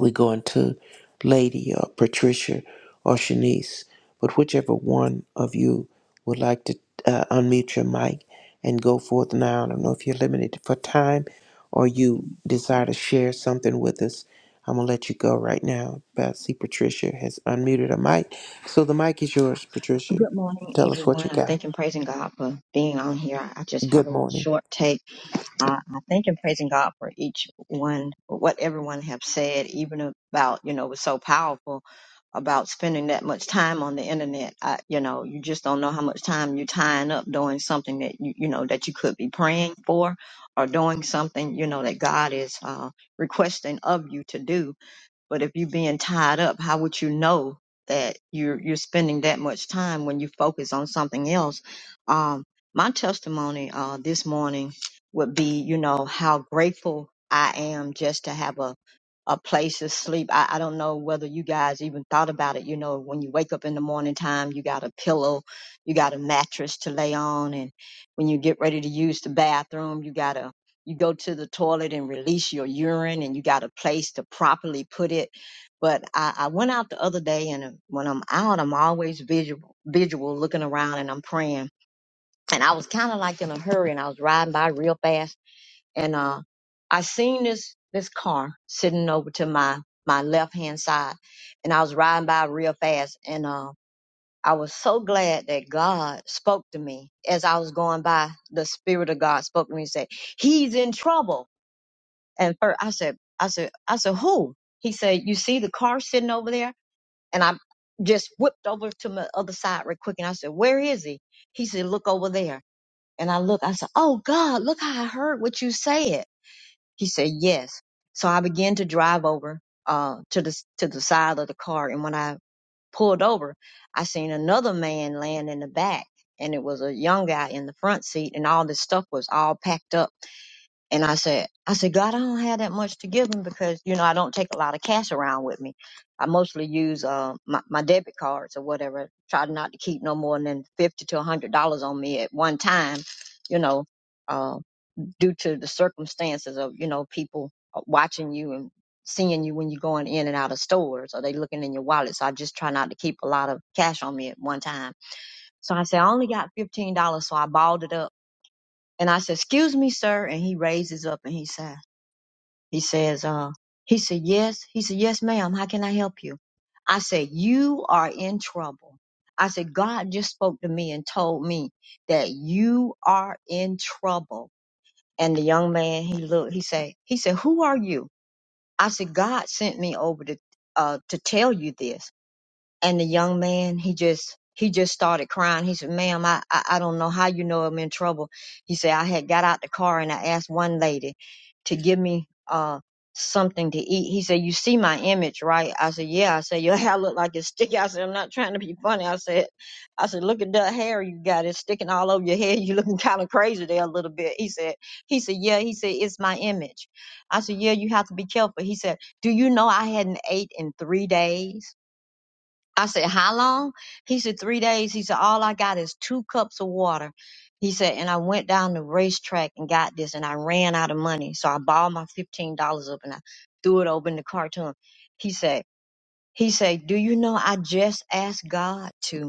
Speaker 6: we go into Lady or Patricia or Shanice, but whichever one of you would like to uh, unmute your mic and go forth now. I don't know if you're limited for time or you desire to share something with us. I'm going to let you go right now. But I see Patricia has unmuted her mic. So the mic is yours, Patricia.
Speaker 7: Good morning,
Speaker 6: Tell us what
Speaker 7: everyone.
Speaker 6: you
Speaker 7: I
Speaker 6: got.
Speaker 7: thank and praising God for being on here. I I just have a
Speaker 6: Good
Speaker 7: little
Speaker 6: morning.
Speaker 7: short take. I, I thank and praising God for each one, what everyone have said, even about, you know, was so powerful about spending that much time on the internet. I, you know, you just don't know how much time you're tying up doing something that you, you know, that you could be praying for or doing something, you know, that God is uh, requesting of you to do. But if you're being tied up, how would you know that you're you're spending that much time when you focus on something else? Um, my testimony uh, this morning would be, you know, how grateful I am just to have a a place to sleep. I, I don't know whether you guys even thought about it. You know, when you wake up in the morning time, you got a pillow, you got a mattress to lay on, and when you get ready to use the bathroom, you got a you go to the toilet and release your urine and you got a place to properly put it. But I, I went out the other day and uh, when I'm out, I'm always visual, visual looking around and I'm praying. And I was kind of like in a hurry and I was riding by real fast. And, uh, I seen this, this car sitting over to my, my left hand side and I was riding by real fast. And, uh, I was so glad that God spoke to me as I was going by. The Spirit of God spoke to me and said, He's in trouble. And first, I said, I said, I said, who? He said, you see the car sitting over there? And I just whipped over to my other side real quick. And I said, where is he? He said, look over there. And I look, I said, oh God, look how I heard what you said. He said, yes. So I began to drive over, uh, to the, to the side of the car. And when I pulled over, I seen another man laying in the back and it was a young guy in the front seat and all this stuff was all packed up and I said, I said, God, I don't have that much to give him because, you know, I don't take a lot of cash around with me. I mostly use uh, my, my debit cards or whatever. Try not to keep no more than 50 to a $100 on me at one time, you know, uh, due to the circumstances of, you know, people uh, watching you and seeing you when you're going in and out of stores or they looking in your wallet. So I just try not to keep a lot of cash on me at one time. So I said, I only got $15. So I balled it up. And I said, excuse me, sir. And he raises up and he said, he says, uh, he said, yes. He said, yes, ma'am. How can I help you? I said, you are in trouble. I said, God just spoke to me and told me that you are in trouble. And the young man, he looked, he said, he said, who are you? I said, God sent me over to, uh, to tell you this and the young man he just he just started crying he said ma'am i i, I don't know how you know i'm in trouble he said i had got out the car and i asked one lady to give me uh something to eat he said you see my image right i said yeah i said your hair look like it's sticky i said i'm not trying to be funny i said i said look at that hair you got it's sticking all over your head you looking kind of crazy there a little bit he said he said yeah he said it's my image i said yeah you have to be careful he said do you know i hadn't ate in three days I said, How long? He said, Three days. He said, All I got is two cups of water. He said, And I went down the racetrack and got this, and I ran out of money. So I balled my $15 up and I threw it over in the car to him. He said, he said, Do you know I just asked God to?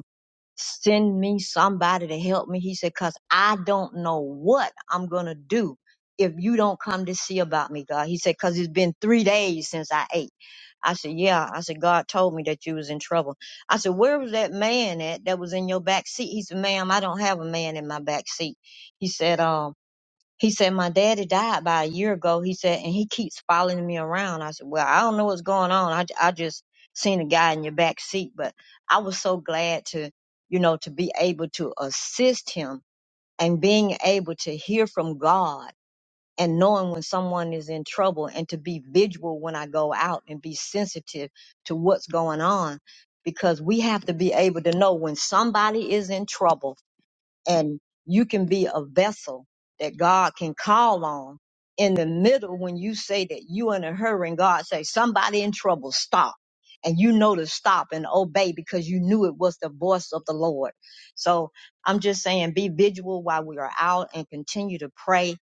Speaker 7: send me somebody to help me. He said, cause I don't know what I'm going to do if you don't come to see about me, God. He said, cause it's been three days since I ate. I said, yeah. I said, God told me that you was in trouble. I said, where was that man at that was in your back seat? He said, ma'am, I don't have a man in my back seat. He said, um, he said, My daddy died about a year ago. He said, and he keeps following me around. I said, Well, I don't know what's going on. I, j- I just seen a guy in your back seat, but I was so glad to, you know, to be able to assist him and being able to hear from God and knowing when someone is in trouble and to be vigilant when I go out and be sensitive to what's going on because we have to be able to know when somebody is in trouble and you can be a vessel that God can call on in the middle when you say that you in a hurry and God say somebody in trouble stop and you know to stop and obey because you knew it was the voice of the Lord. So I'm just saying be vigilant while we are out and continue to pray,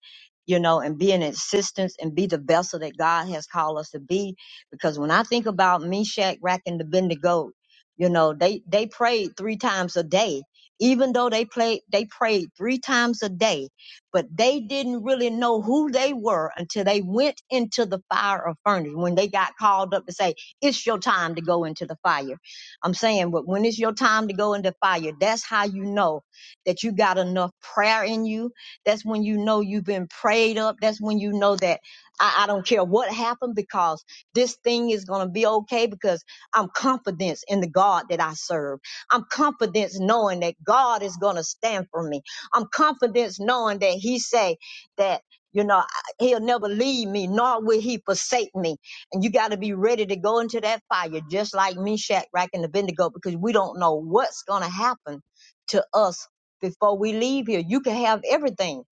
Speaker 7: you know, and be an assistance and be the vessel that God has called us to be. Because when I think about Meshach, Rack, and Abednego, you know, they, they prayed three times a day even though they played they prayed three times a day but they didn't really know who they were until they went into the fire of furnace when they got called up to say it's your time to go into the fire i'm saying but when it's your time to go into fire that's how you know that you got enough prayer in you that's when you know you've been prayed up that's when you know that i, I don't care what happened because this thing is going to be okay because i'm confident in the god that i serve I'm confident knowing that God is going to stand for me. I'm confident knowing that he say that you know, I- he'll never leave me, nor will he forsake me. And you got to be ready to go into that fire, just like Meshach, Rack, and Abednego, because we don't know what's going to happen to us before we leave here. You can have everything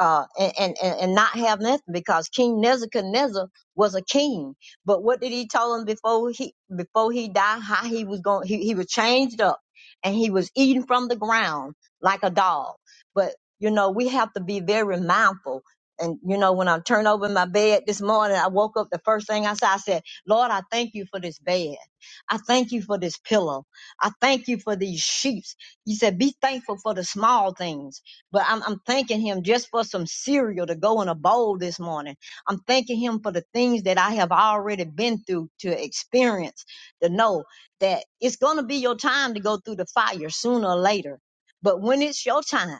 Speaker 7: uh, and, and, and and not have nothing because King Nebuchadnezzar was a king. But what did he tell him before he before he died? How he was going? He, he was changed up and he was eating from the ground like a dog. But you know, we have to be very mindful. And you know, when I turned over my bed this morning, I woke up. The first thing I said, I said, "Lord, I thank you for this bed. I thank you for this pillow. I thank you for these sheets." He said, "Be thankful for the small things." But I'm, I'm thanking Him just for some cereal to go in a bowl this morning. I'm thanking Him for the things that I have already been through to experience, to know that it's going to be your time to go through the fire sooner or later. But when it's your time,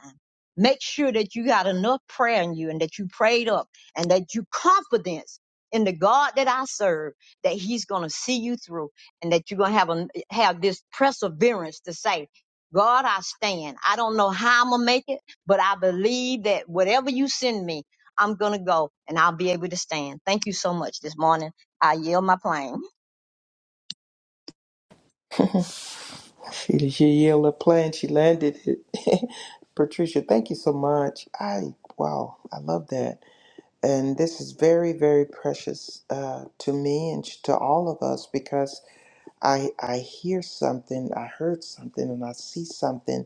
Speaker 7: make sure that you got enough prayer in you and that you prayed up and that you confidence in the God that I serve that he's going to see you through and that you're going to have a, have this perseverance to say, God, I stand. I don't know how I'm going to make it, but I believe that whatever you send me, I'm going to go and I'll be able to stand. Thank you so much this morning. I yield my plane.
Speaker 6: She, she yelled a plan. She landed it. Patricia, thank you so much. I wow, I love that. And this is very, very precious uh, to me and to all of us because I I hear something, I heard something, and I see something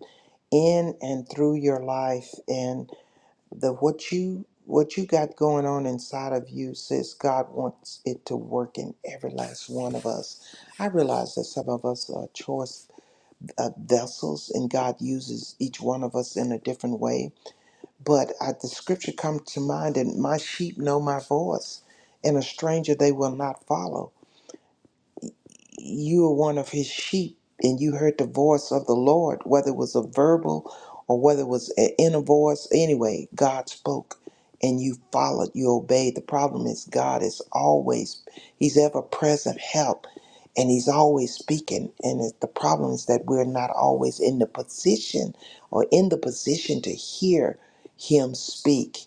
Speaker 6: in and through your life. the what you what you got going on inside of you says God wants it to work in every last one of us. I realize that some of us are choice uh, vessels, and God uses each one of us in a different way. But I, the scripture comes to mind, and my sheep know my voice, and a stranger they will not follow you were one of his sheep and you heard the voice of the Lord, whether it was a verbal or whether it was an inner voice. Anyway, God spoke and you followed, you obeyed. The problem is, God is always, He's ever present help and He's always speaking. And it, the problem is that we're not always in the position or in the position to hear Him speak.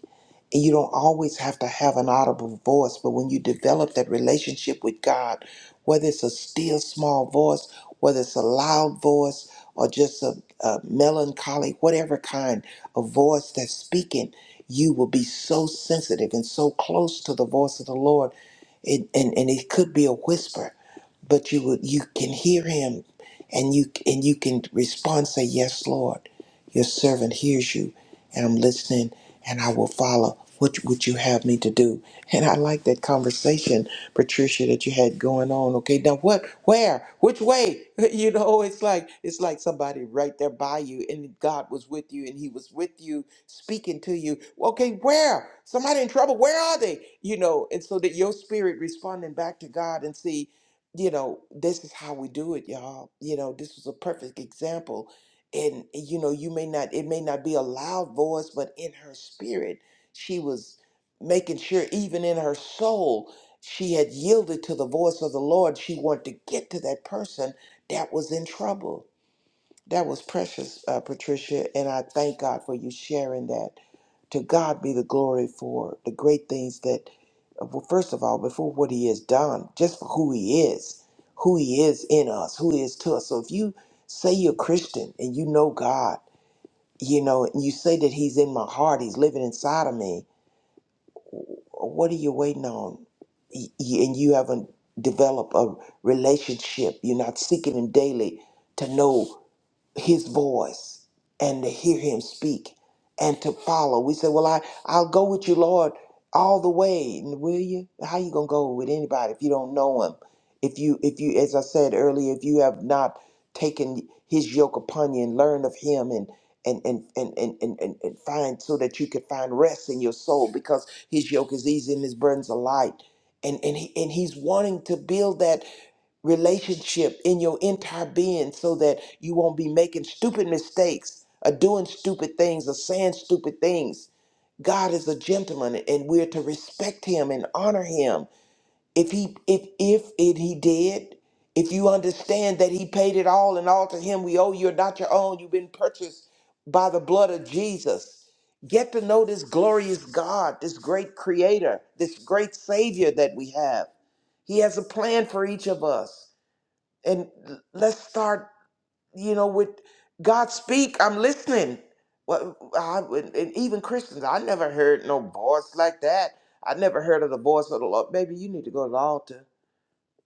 Speaker 6: And you don't always have to have an audible voice, but when you develop that relationship with God, whether it's a still small voice, whether it's a loud voice, or just a, a melancholy, whatever kind of voice that's speaking, you will be so sensitive and so close to the voice of the Lord. It, and, and it could be a whisper but you would you can hear him and you and you can respond say yes lord your servant hears you and i'm listening and i will follow what would you have me to do and i like that conversation patricia that you had going on okay now what where which way you know it's like it's like somebody right there by you and god was with you and he was with you speaking to you okay where somebody in trouble where are they you know and so that your spirit responding back to god and see you know, this is how we do it, y'all. You know, this was a perfect example. And, you know, you may not, it may not be a loud voice, but in her spirit, she was making sure, even in her soul, she had yielded to the voice of the Lord. She wanted to get to that person that was in trouble that was precious, uh, Patricia, and I thank God for you sharing that. To God be the glory for the great things that, uh, well, first of all, before what He has done, just for who He is, who He is in us, who He is to us. So if you say you're Christian and you know God, you know, and you say that He's in my heart, He's living inside of me, what are you waiting on? Y- y- And you haven't developed a relationship. You're not seeking Him daily to know his voice and to hear him speak and to follow. We say, Well, I, I'll go with you, Lord, all the way. And will you? How you gonna go with anybody if you don't know him? If you if you as I said earlier, if you have not taken his yoke upon you and learned of him and and and and and, and, and, and find so that you could find rest in your soul because his yoke is easy and his burdens are light. And and he and he's wanting to build that relationship in your entire being so that you won't be making stupid mistakes or doing stupid things or saying stupid things. God is a gentleman and we're to respect him and honor him. If he if if it he did, if you understand that he paid it all and all to him we owe you're not your own, you've been purchased by the blood of Jesus. Get to know this glorious God, this great creator, this great savior that we have. He has a plan for each of us and l- let's start you know with god speak i'm listening well I, would- and even christians i never heard no voice like that i never heard of the voice of the lord baby you need to go to the altar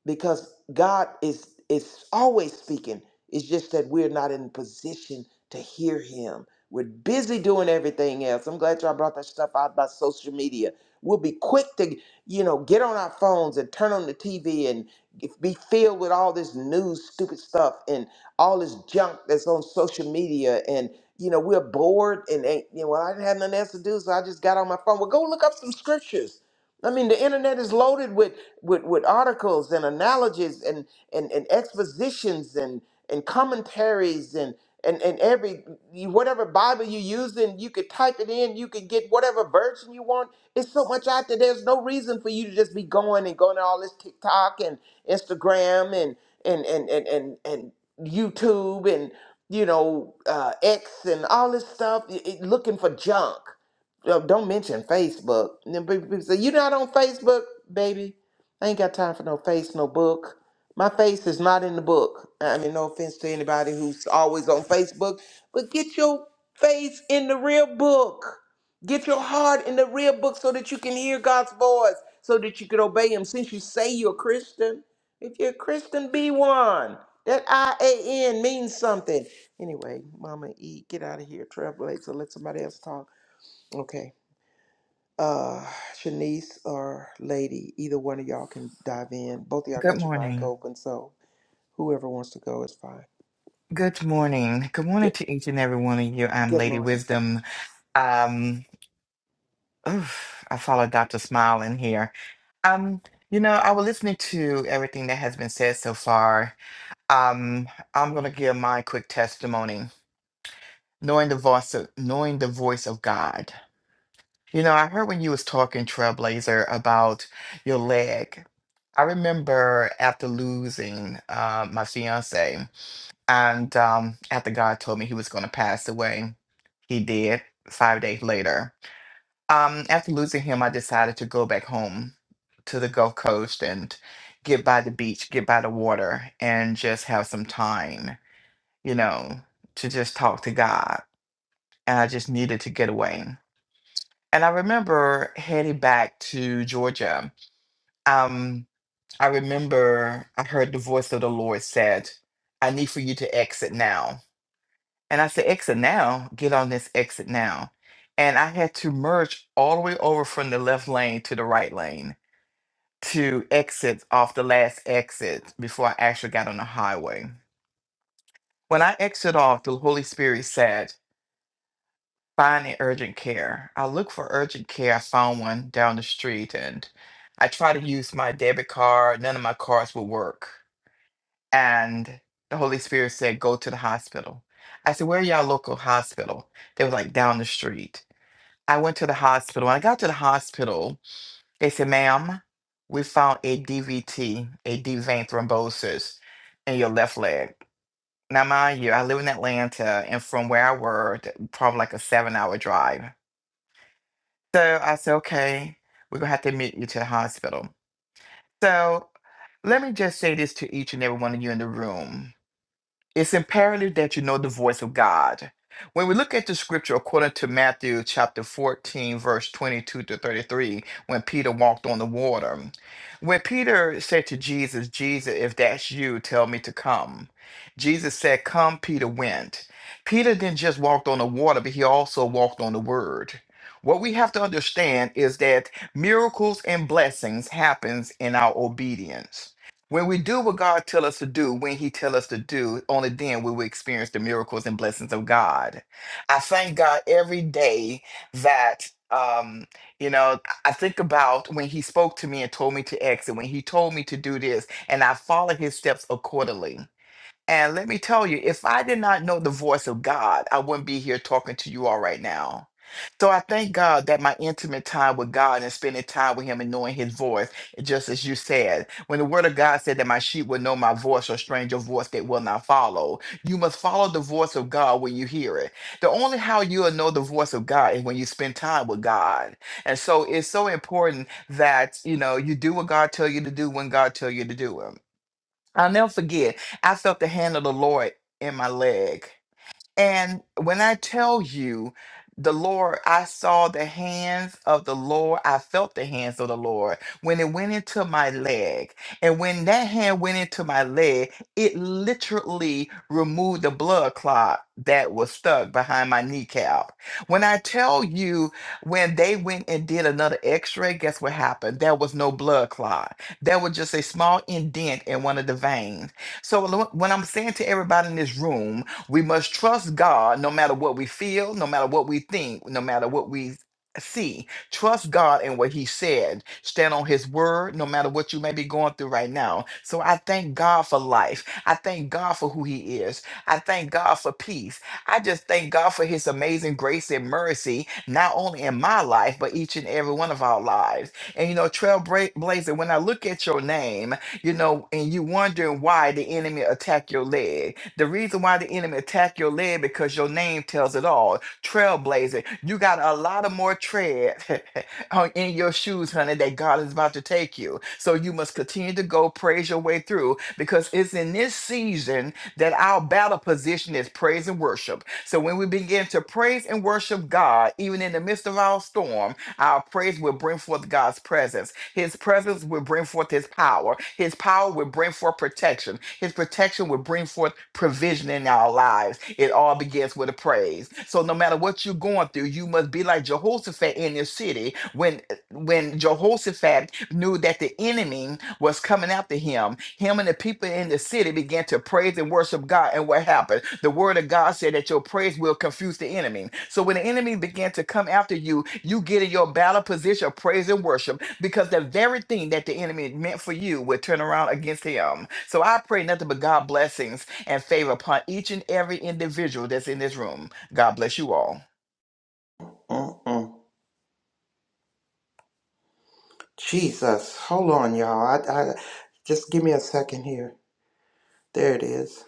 Speaker 6: because God is is always speaking. It's just that we're not in position to hear Him. We're busy doing everything else. I'm glad y'all brought that stuff out about social media. We'll be quick to, you know, get on our phones and turn on the TV and get- be filled with all this news, stupid stuff, and all this junk that's on social media. And you know, we're bored and ain't, you know, well, I didn't have nothing else to do, so I just got on my phone. Well, go look up some scriptures. I mean, the internet is loaded with with, with articles and analogies and, and, and expositions and, and commentaries and, and, and every you- whatever Bible you using, you could type it in, you could get whatever version you want. It's so much out there. There's no reason for you to just be going and going to all this TikTok and Instagram and and and and and, and YouTube and you know uh, X and all this stuff, y- y- looking for junk. Uh, Don't mention Facebook. And then people people say, "You're not on Facebook, baby." I ain't got time for no face, no book. My face is not in the book. I mean, no offense to anybody who's always on Facebook, but get your face in the real book. Get your heart in the real book so that you can hear God's voice, so that you can obey Him. Since you say you're a Christian, if you're a Christian, be one. That I A N means something. Anyway, Mama E, get out of here, Trailblazer. Let somebody else talk. Okay. Uh, Shanice or Lady, either one of y'all can dive in. Both of y'all
Speaker 8: Good
Speaker 6: got your mic
Speaker 8: morning.
Speaker 6: open, so whoever wants to go is fine.
Speaker 8: Good morning. Good morning
Speaker 6: Good,
Speaker 8: to each and every one of you. I'm
Speaker 6: good
Speaker 8: Lady
Speaker 6: morning.
Speaker 8: Wisdom. Um, oof, I follow Dr. Smile in here. Um, you know, I was listening to everything that has been said so far. Um, I'm gonna give my quick testimony. Knowing the voice of knowing the voice of God. You know, I heard when you was talking, Trailblazer, about your leg. I remember after losing uh, my fiance. And um, after God told me he was going to pass away, he did five days later. Um, after losing him, I decided to go back home to the Gulf Coast and get by the beach, get by the water, and just have some time, you know, to just talk to God. And I just needed to get away. And I remember heading back to Georgia. Um, I remember I heard the voice of the Lord said, I need for you to exit now. And I said, exit now, get on this exit now. And I had to merge all the way over from the left lane to the right lane to exit off the last exit before I actually got on the highway. When I exit off, the Holy Spirit said, find an urgent care. I looked for urgent care. I found one down the street and I tried to use my debit card. None of my cards would work. And the Holy Spirit said, go to the hospital. I said, where are y'all local hospital? They were like down the street. I went to the hospital. When I got to the hospital, they said, ma'am, we found a DVT, a deep vein thrombosis in your left leg. Now, mind you, I live in Atlanta, and from where I worked, probably like a seven hour drive. So I said, okay, we're going to have to admit you to the hospital. So let me just say this to each and every one of you in the room. it's imperative that you know the voice of God. When we look at the scripture according to Matthew chapter 14, verse 22 to 33, when Peter walked on the water, when Peter said to Jesus, Jesus, if that's you, tell me to come. Jesus said, Come, Peter went. Peter didn't just walk on the water, but he also walked on the word. What we have to understand is that miracles and blessings happens in our obedience. When we do what God tell us to do, when He tell us to do, only then will we experience the miracles and blessings of God. I thank God every day that um, you know, I think about when He spoke to me and told me to exit, when He told me to do this, and I follow His steps accordingly. And let me tell you, if I did not know the voice of God, I wouldn't be here talking to you all right now. So I thank God that my intimate time with God and spending time with Him and knowing His voice, just as you said, when the Word of God said that my sheep will know my voice or stranger voice they will not follow, you must follow the voice of God when you hear it. The only how you'll know the voice of God is when you spend time with God. And so it's so important that you know you do what God tell you to do when God tell you to do it. I'll never forget. I felt the hand of the Lord in my leg. And when I tell you the Lord, I saw the hands of the Lord. I felt the hands of the Lord when it went into my leg. And when that hand went into my leg, it literally removed the blood clot that was stuck behind my kneecap. When I tell you, when they went and did another x ray, guess what happened? There was no blood clot. There was just a small indent in one of the veins. So, lo- what I'm saying to everybody in this room, we must trust God no matter what we feel, no matter what we think, no matter what we see. Trust God in what He said. Stand on His word no matter what you may be going through right now. So I thank God for life. I thank God for who He is. I thank God for peace. I just thank God for His amazing grace and mercy, not only in my life, but each and every one of our lives. And you know, Trailblazer, when I look at your name, you know, and you wondering why the enemy attacked your leg the reason why the enemy attack your leg because your name tells it all. Trailblazer. You got a lot of more tread on- in your shoes, honey, that God is about to take you. So you must continue to go praise your way through because it's in this season that our battle position is praise and worship. So when we begin to praise and worship God, even in the midst of our storm, our praise will bring forth God's presence. His presence will bring forth his power. His power will bring forth protection. His protection will bring forth provision in our lives. It all begins with a praise. So no matter what you're going through, you must be like Jehoshaphat in your city. When when Jehoshaphat knew that the enemy was coming after him, him and the people in the city began to praise and worship God. And what happened? The word of God said that your praise will confuse the enemy. So when the enemy began to come after you, you get in your battle position of praise and worship because the very thing that the enemy meant for you would turn around against him. So I pray nothing but God blessings and favor upon each and every individual that's in this room. God bless you all.
Speaker 6: Mm-mm. Jesus, hold on, y'all. I, I just give me a second here. There it is.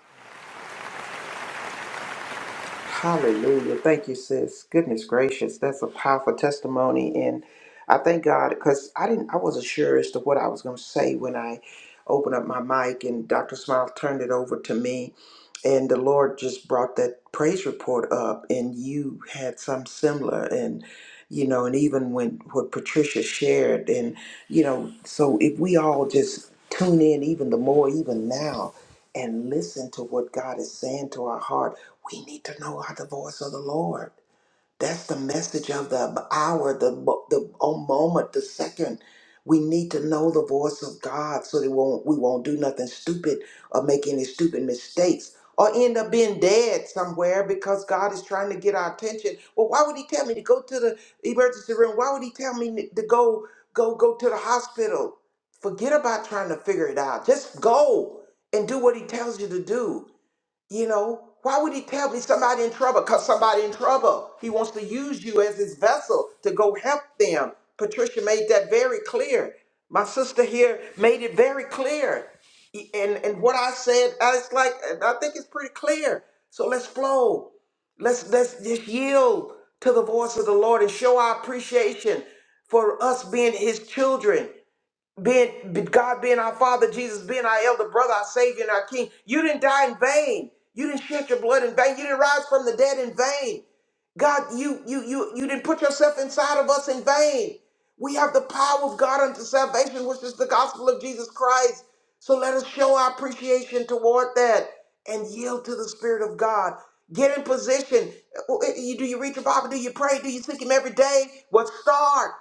Speaker 6: Hallelujah. Thank you, sis. Goodness gracious. That's a powerful testimony. And I thank God because I didn't I wasn't sure as to what I was gonna say when I opened up my mic and Dr. Smile turned it over to me. And the Lord just brought that praise report up and you had some similar and you know, and even when what Patricia shared and you know, so if we all just tune in even the more even now and listen to what God is saying to our heart we need to know our voice of the Lord. That's the message of the hour, the mo- the oh, moment, the second. We need to know the voice of God so that we won't, we won't do nothing stupid or make any stupid mistakes or end up being dead somewhere because God is trying to get our attention. Well, why would He tell me to go to the emergency room? Why would He tell me to go go go to the hospital? Forget about trying to figure it out. Just go and do what He tells you to do. You know, why would he tell me somebody in trouble? Because somebody in trouble. He wants to use you as his vessel to go help them. Patricia made that very clear. My sister here made it very clear. E- And, and what I said, I was like, and I think it's pretty clear. So let's flow. Let's let's just yield to the voice of the Lord and show our appreciation for us being his children being God being our Father, Jesus being our elder brother, our Savior, and our King. You didn't die in vain. You didn't shed your blood in vain. You didn't rise from the dead in vain. God, you you you you didn't put yourself inside of us in vain. We have the power of God unto salvation, which is the gospel of Jesus Christ. So let us show our appreciation toward that and yield to the Spirit of God. Get in position. Uh, uh, you- Do you read your Bible? Do you pray? Do you seek Him every day? What start?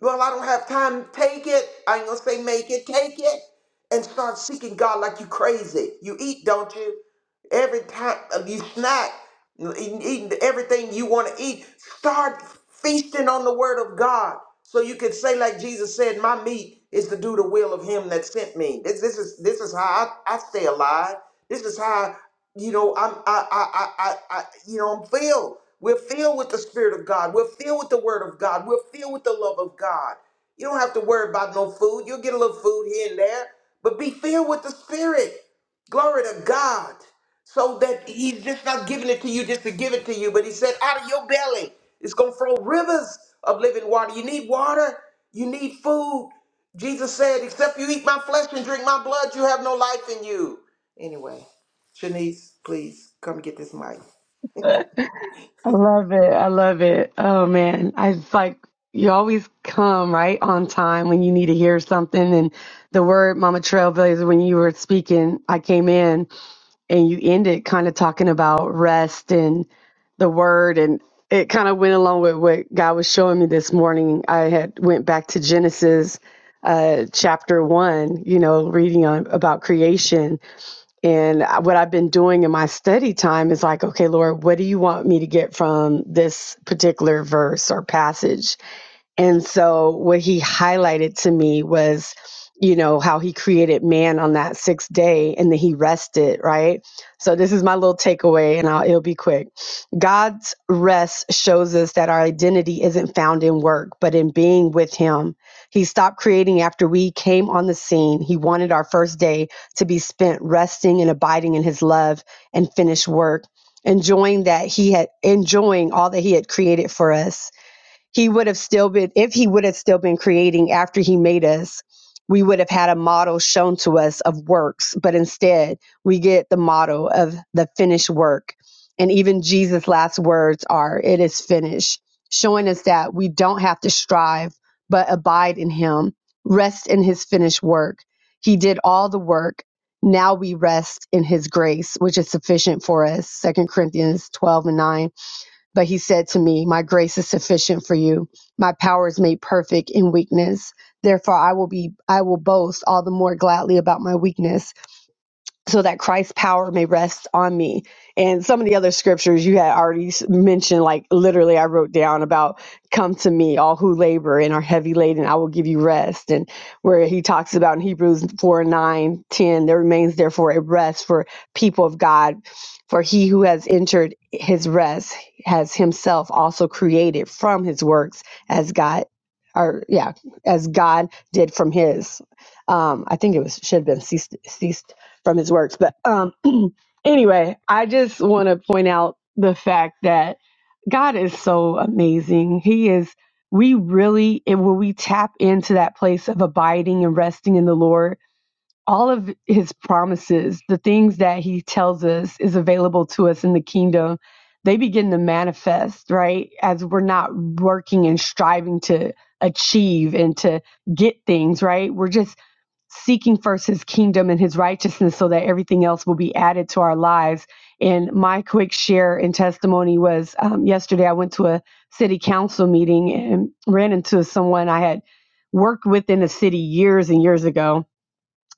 Speaker 6: Well, I don't have time. Take it. I ain't gonna say make it. Take it and start seeking God like you crazy. You eat, don't you? Every time uh, you snack, eating, eating everything you want to eat. Start feasting on the Word of God, so you can say like Jesus said, "My meat is to do the will of Him that sent me." This, this is this is how I, I stay alive. This is how you know, I'm I I I I, I you know, I'm filled. We're filled with the Spirit of God. We're filled with the Word of God. We're filled with the love of God. You don't have to worry about no food. You'll get a little food here and there, but be filled with the Spirit. Glory to God. So that He's just not giving it to you just to give it to you, but He said, out of your belly, it's going to flow rivers of living water. You need water. You need food. Jesus said, except you eat my flesh and drink my blood, you have no life in you. Anyway. Shanice, please come get this mic.
Speaker 9: I love it. I love it. Oh man. I it's like you always come right on time when you need to hear something. And the word Mama Trailblazer, when you were speaking, I came in and you ended kind of talking about rest and the word and it kind of went along with what God was showing me this morning. I had went back to Genesis uh, chapter one, you know, reading on about creation and I- what I've been doing in my study time is like, okay, Lord, what do you want me to get from this particular verse or passage? And so what he highlighted to me was, you know, how he created man on that sixth day and then he rested, right? So this is my little takeaway and I'll, it'll be quick. God's rest shows us that our identity isn't found in work, but in being with him. He stopped creating after we came on the scene. He wanted our first day to be spent resting and abiding in his love and finished work, enjoying that he had enjoying all that he had created for us he would have still been if he would have still been creating after he made us we would have had a model shown to us of works but instead we get the model of the finished work and even jesus last words are it is finished showing us that we don't have to strive but abide in him rest in his finished work he did all the work now we rest in his grace which is sufficient for us Second corinthians 12 and 9 but he said to me, My grace is sufficient for you. My power is made perfect in weakness. Therefore I will be I will boast all the more gladly about my weakness so that Christ's power may rest on me. And some of the other scriptures you had already s- mentioned, like literally, I wrote down about come to me, all who labor and are heavy laden, I will give you rest. And where he talks about in Hebrews 4 9 10, there remains therefore a rest for people of God. For he who has entered his rest has himself also created from his works as God, or yeah, as God did from his. Um, I think it was should have been cease, from his works. But um, anyway, I just want to point out the fact that God is so amazing. He is, we really, and when we tap into that place of abiding and resting in the Lord, all of his promises, the things that he tells us is available to us in the kingdom, they begin to manifest, right? As we're not working and striving to achieve and to get things, right? We're just seeking first his kingdom and his righteousness so that everything else will be added to our lives. And my quick share and testimony was um, yesterday I went to a city council meeting and ran into someone I had worked with in the city years and years ago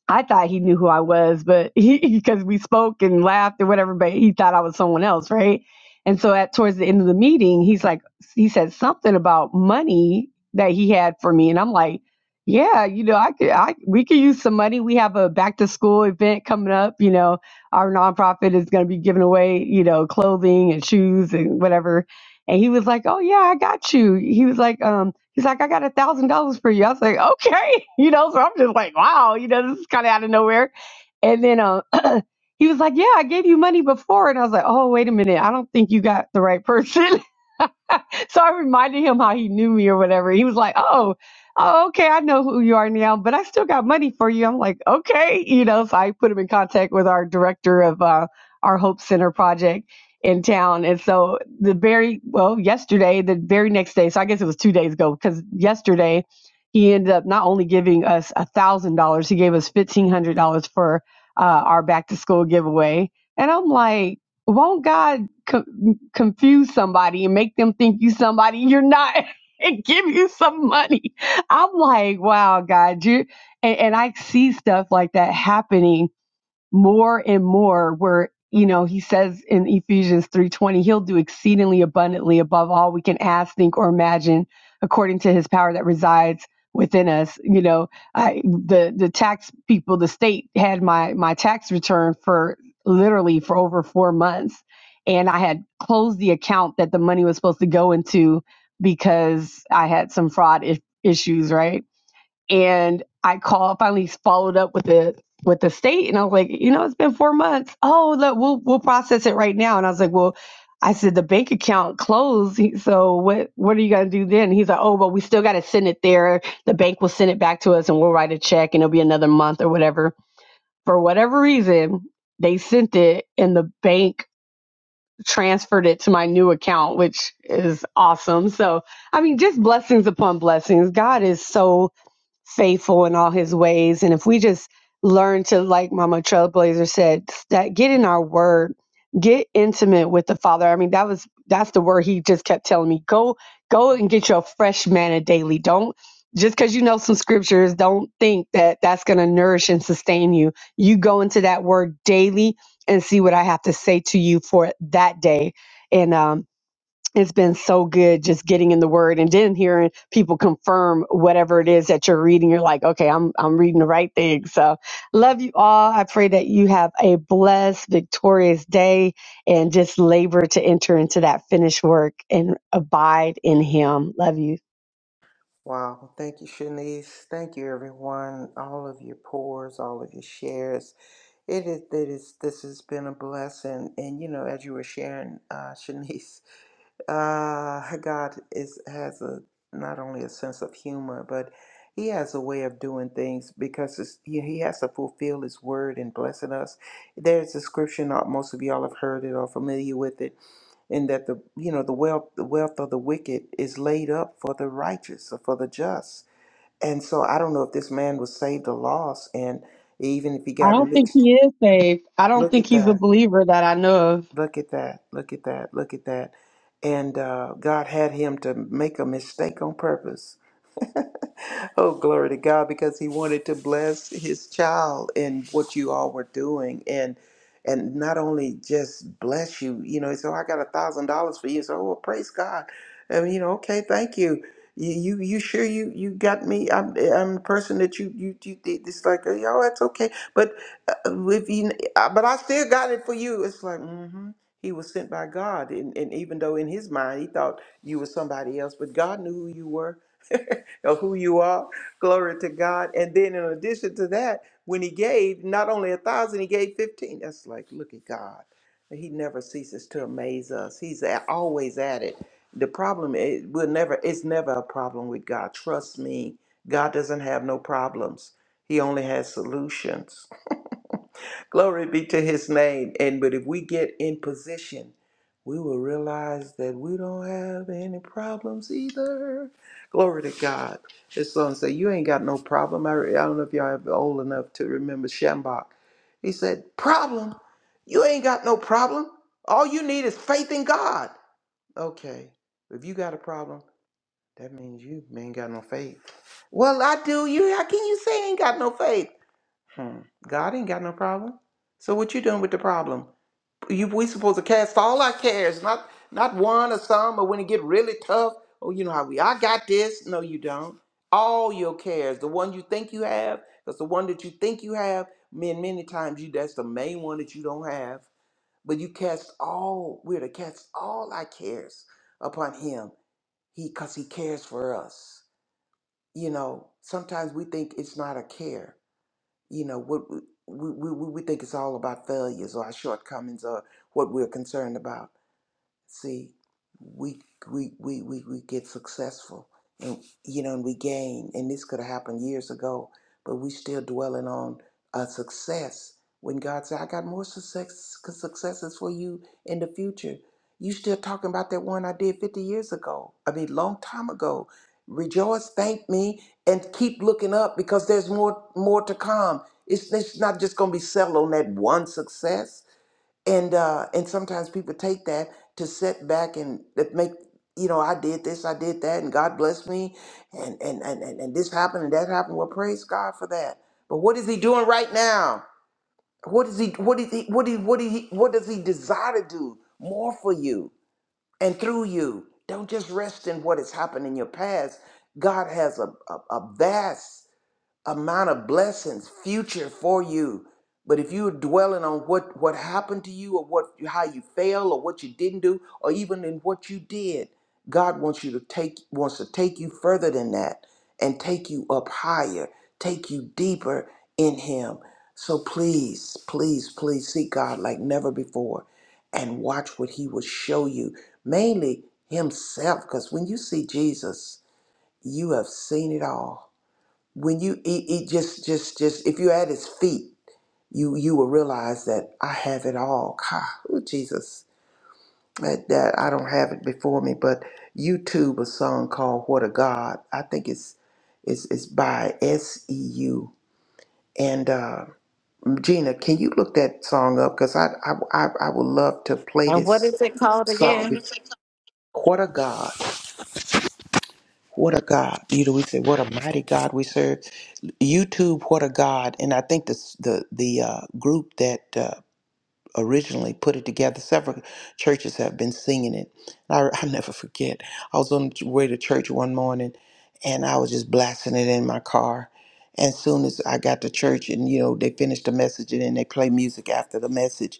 Speaker 9: I thought he knew who I was, but he because we spoke and laughed and whatever, but he thought I was someone else, right? And so at towards the end of the meeting, he's like, he said something about money that he had for me, and I'm like, yeah, you know, I could, I we could use some money. We have a back to school event coming up. You know, our nonprofit is going to be giving away, you know, clothing and shoes and whatever. And he was like, oh yeah, I got you. He was like, um. He's like, I got a thousand dollars for you. I was like, okay, you know. So I'm just like, wow, you know, this is kind of out of nowhere. And then uh, he was like, yeah, I gave you money before, and I was like, oh, wait a minute, I don't think you got the right person. so I reminded him how he knew me or whatever. He was like, "Oh, oh, okay, I know who you are now, but I still got money for you." I'm like, "Okay," you know. So I put him in contact with our director of uh, our Hope Center project in town, and so the very well yesterday, the very next day. So I guess it was two days ago because yesterday he ended up not only giving us a thousand dollars, he gave us fifteen hundred dollars for uh, our back to school giveaway. And I'm like, won't God co- confuse somebody and make them think you somebody you're not and give you some money? I'm like, wow, God, you and, and I see stuff like that happening more and more where you know he says in ephesians 3.20 he'll do exceedingly abundantly above all we can ask think or imagine according to his power that resides within us you know I, the the tax people the state had my my tax return for literally for over four months and i had closed the account that the money was supposed to go into because i had some fraud I- issues right and I called finally followed up with the with the state and I was like, you know, it's been four months. Oh, look, we'll we'll process it right now. And I was like, well, I said the bank account closed. He- So what what are you gonna do then? He's like, oh, but we still gotta send it there. The bank will send it back to us and we'll write a check and it'll be another month or whatever. For whatever reason, they sent it and the bank transferred it to my new account, which is awesome. So I mean, just blessings upon blessings. God is so faithful in all his ways. And if we just learn to, like Mama Trailblazer said, that get in our word, get intimate with the Father. I mean, that was that's the word he just kept telling me. Go, go and get your fresh manna daily. Don't just because you know some scriptures, don't think that that's going to nourish and sustain you. You go into that word daily and see what I have to say to you for that day. And um, it's been so good just getting in the word and then hearing people confirm whatever it is that you're reading. You're like, okay, I'm I'm reading the right thing. So love you all. I pray that you have a blessed, victorious day and just labor to enter into that finished work and abide in him. Love you.
Speaker 6: Wow. Thank you, Shanice. Thank you, everyone. All of your pours, all of your shares. It is, it is this has been a blessing. And, you know, as you were sharing, uh, Shanice, uh, God is has a not only a sense of humor, but he has a way of doing things because it's, he he has to fulfill his word and blessing us. There's a scripture, not most of y'all have heard it or familiar with it and that the you know the wealth the wealth of the wicked is laid up for the righteous or for the just and so i don't know if this man was saved or lost and even if he
Speaker 9: I
Speaker 6: got a
Speaker 9: don't think
Speaker 6: mixed
Speaker 9: he is saved. I don't
Speaker 6: look
Speaker 9: think
Speaker 6: at
Speaker 9: he's a
Speaker 6: that
Speaker 9: believer that I know of.
Speaker 6: look at that look at that look at that and uh, god had him to make a mistake on purpose oh, glory to God, because he wanted to bless his child and what you all were doing. And and not only just bless you, you know, so I got a thousand dollars for you. So oh, well, praise God. And you know, okay, thank you. You you, you sure you you got me? I'm I'm the person that you you you did this like oh that's okay, but uh, if you uh, but I still got it for you. It's like mm-hmm. he was sent by God, and and even though in his mind he thought you were somebody else, but God knew who you were. of who you are. Glory to God. And then in addition to that, when he gave not only a thousand, he gave 15. That's like, look at God. He never ceases to amaze us. He's a- always at it. The problem is will never it's never a problem with God. Trust me. God doesn't have no problems. He only has solutions. Glory be to his name. And but if we get in position we will realize that we don't have any problems either. Glory to God. This song said, You ain't got no problem. I, I don't know if y'all are old enough to remember Shambach. He said, Problem? You ain't got no problem. All you need is faith in God. Okay. If you got a problem, that means you ain't got no faith. Well, I do. You how can you say I ain't got no faith? Hmm. God ain't got no problem. So what you doing with the problem? you we supposed to cast all our cares, not not one or some, or when it get really tough, oh you know how we I got this. No, you don't. All your cares, the one you think you have, that's the one that you think you have. Man, many times you that's the main one that you don't have. But you cast all we're to cast all our cares upon him. He cause he cares for us. You know, sometimes we think it's not a care. You know, what we, we, we we think it's all about failures or our shortcomings or what we're concerned about See, we we we we, we get successful, and you know, and we gain. And this could have happened years ago, but we still dwelling on a success. When God said, "I got more success successes for you in the future," you still talking about that one I did fifty years ago. I mean, long time ago. Rejoice, thank me, and keep looking up because there's more more to come. It's, it's not just going to be settled on that one success and uh and sometimes people take that to sit back and that make you know i did this i did that and god bless me and and and and, and this happened and that happened well praise god for that but what is he doing right now what is he what is he what is what is he what does he desire to do more for you and through you don't just rest in what has happened in your past god has a a, a vast amount of blessings future for you but if you're dwelling on what what happened to you or what how you failed or what you didn't do or even in what you did god wants you to take wants to take you further than that and take you up higher take you deeper in him so please please please seek god like never before and watch what he will show you mainly himself because when you see jesus you have seen it all when you eat, eat just just just if you're at his feet you you will realize that i have it all God, ooh, jesus that, that i don't have it before me but youtube a song called what a god i think it's it's, it's by seu and uh, gina can you look that song up because I, I i i would love to play
Speaker 4: And what
Speaker 6: this
Speaker 4: is it called
Speaker 6: song
Speaker 4: again?
Speaker 6: what a god what a god you know we say what a mighty god we serve YouTube What a God, and I think this, the the uh, group that uh, originally put it together, several churches have been singing it. And I, I'll never forget. I was on the way to church one morning, and I was just blasting it in my car. And soon as I got to church, and you know they finished the message, and then they play music after the message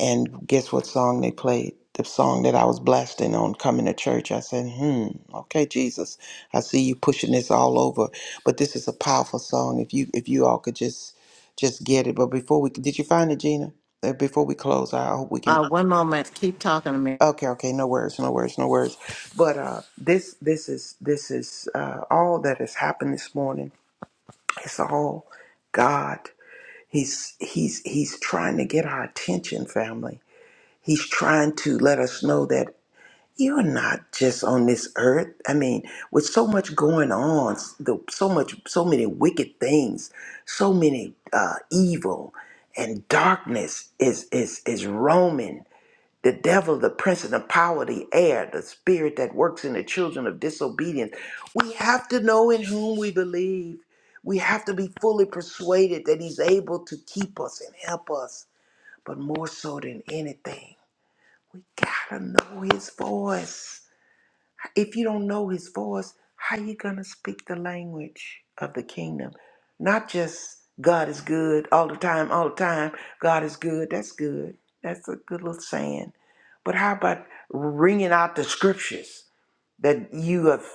Speaker 6: and guess what song they played? The song that I was blasting on coming to church. I said, hmm, okay, Jesus, I see you pushing this all over. But this is a powerful song. If you if you all could just just get it. But before we did you find it, Gina? Uh, Before we close, I hope we can
Speaker 4: Uh, one moment. Keep talking to me.
Speaker 6: Okay, okay, no worries, no worries, no worries. But uh this this is this is uh all that has happened this morning. It's all God. He's he's he's trying to get our attention, family He's trying to let us know that you're not just on this earth. I mean, with so much going on, s- the, so much, so many wicked things, so many uh, evil and darkness is is is roaming. The devil, the prince and the power of the air, the spirit that works in the children of disobedience. We have to know in whom we believe. We have to be fully persuaded that he's able to keep us and help us, but more so than anything. We gotta know his voice. If you don't know his voice, how you gonna speak the language of the kingdom? Not just God is good all the time, all the time. God is good. That's good. That's a good little saying. But how about ringing out the scriptures that you have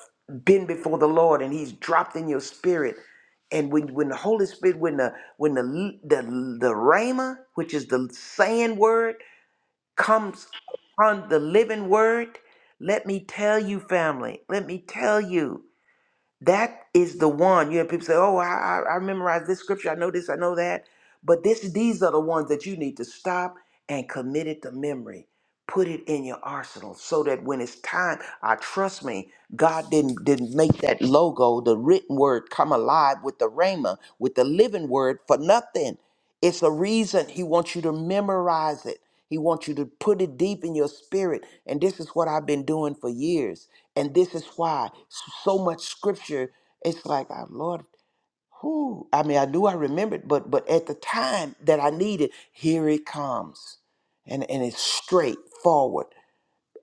Speaker 6: been before the Lord and He's dropped in your spirit? And when when the Holy Spirit, when the when the the the rhema, which is the saying word comes upon the living word, let me tell you, family, let me tell you, that is the one. You know, people say, oh, I, I I memorized this scripture, I know this, I know that. But this, these are the ones that you need to stop and commit it to memory. Put it in your arsenal so that when it's time, I trust me, God didn't didn't make that logo, the written word, come alive with the rhema, with the living word for nothing. It's a reason he wants you to memorize it. He wants you to put it deep in your spirit. And this is what I've been doing for years. And this is why so much scripture, it's like, oh, Lord, who? I mean, I knew I remembered, but but at the time that I needed, here it comes. And, and it's straightforward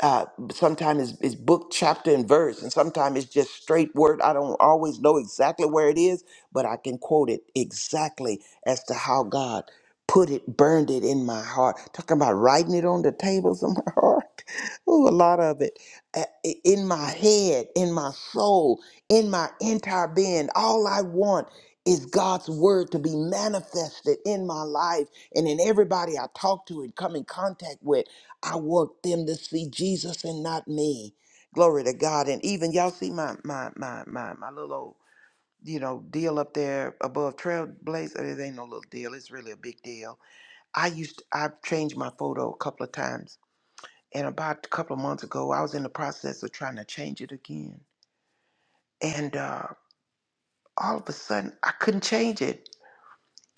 Speaker 6: uh, sometimes it's, it's book, chapter, and verse, and sometimes it's just straight word. I don't always know exactly where it is, but I can quote it exactly as to how God put it, burned it in my heart. Talking about writing it on the tables of my heart. Ooh, a lot of it uh, i- in my head, in my soul, in my entire being. All I want is God's word to be manifested in my life and in everybody I talk to and come in contact with. I want them to see Jesus and not me. Glory to God. And even y'all see my my my my my little old, you know deal up there above Trailblazer. It ain't no little deal. It's really a big deal. I used I've changed my photo a couple of times and about a couple of months ago, I was in the process of trying to change it again. And uh, all of a sudden, I couldn't change it.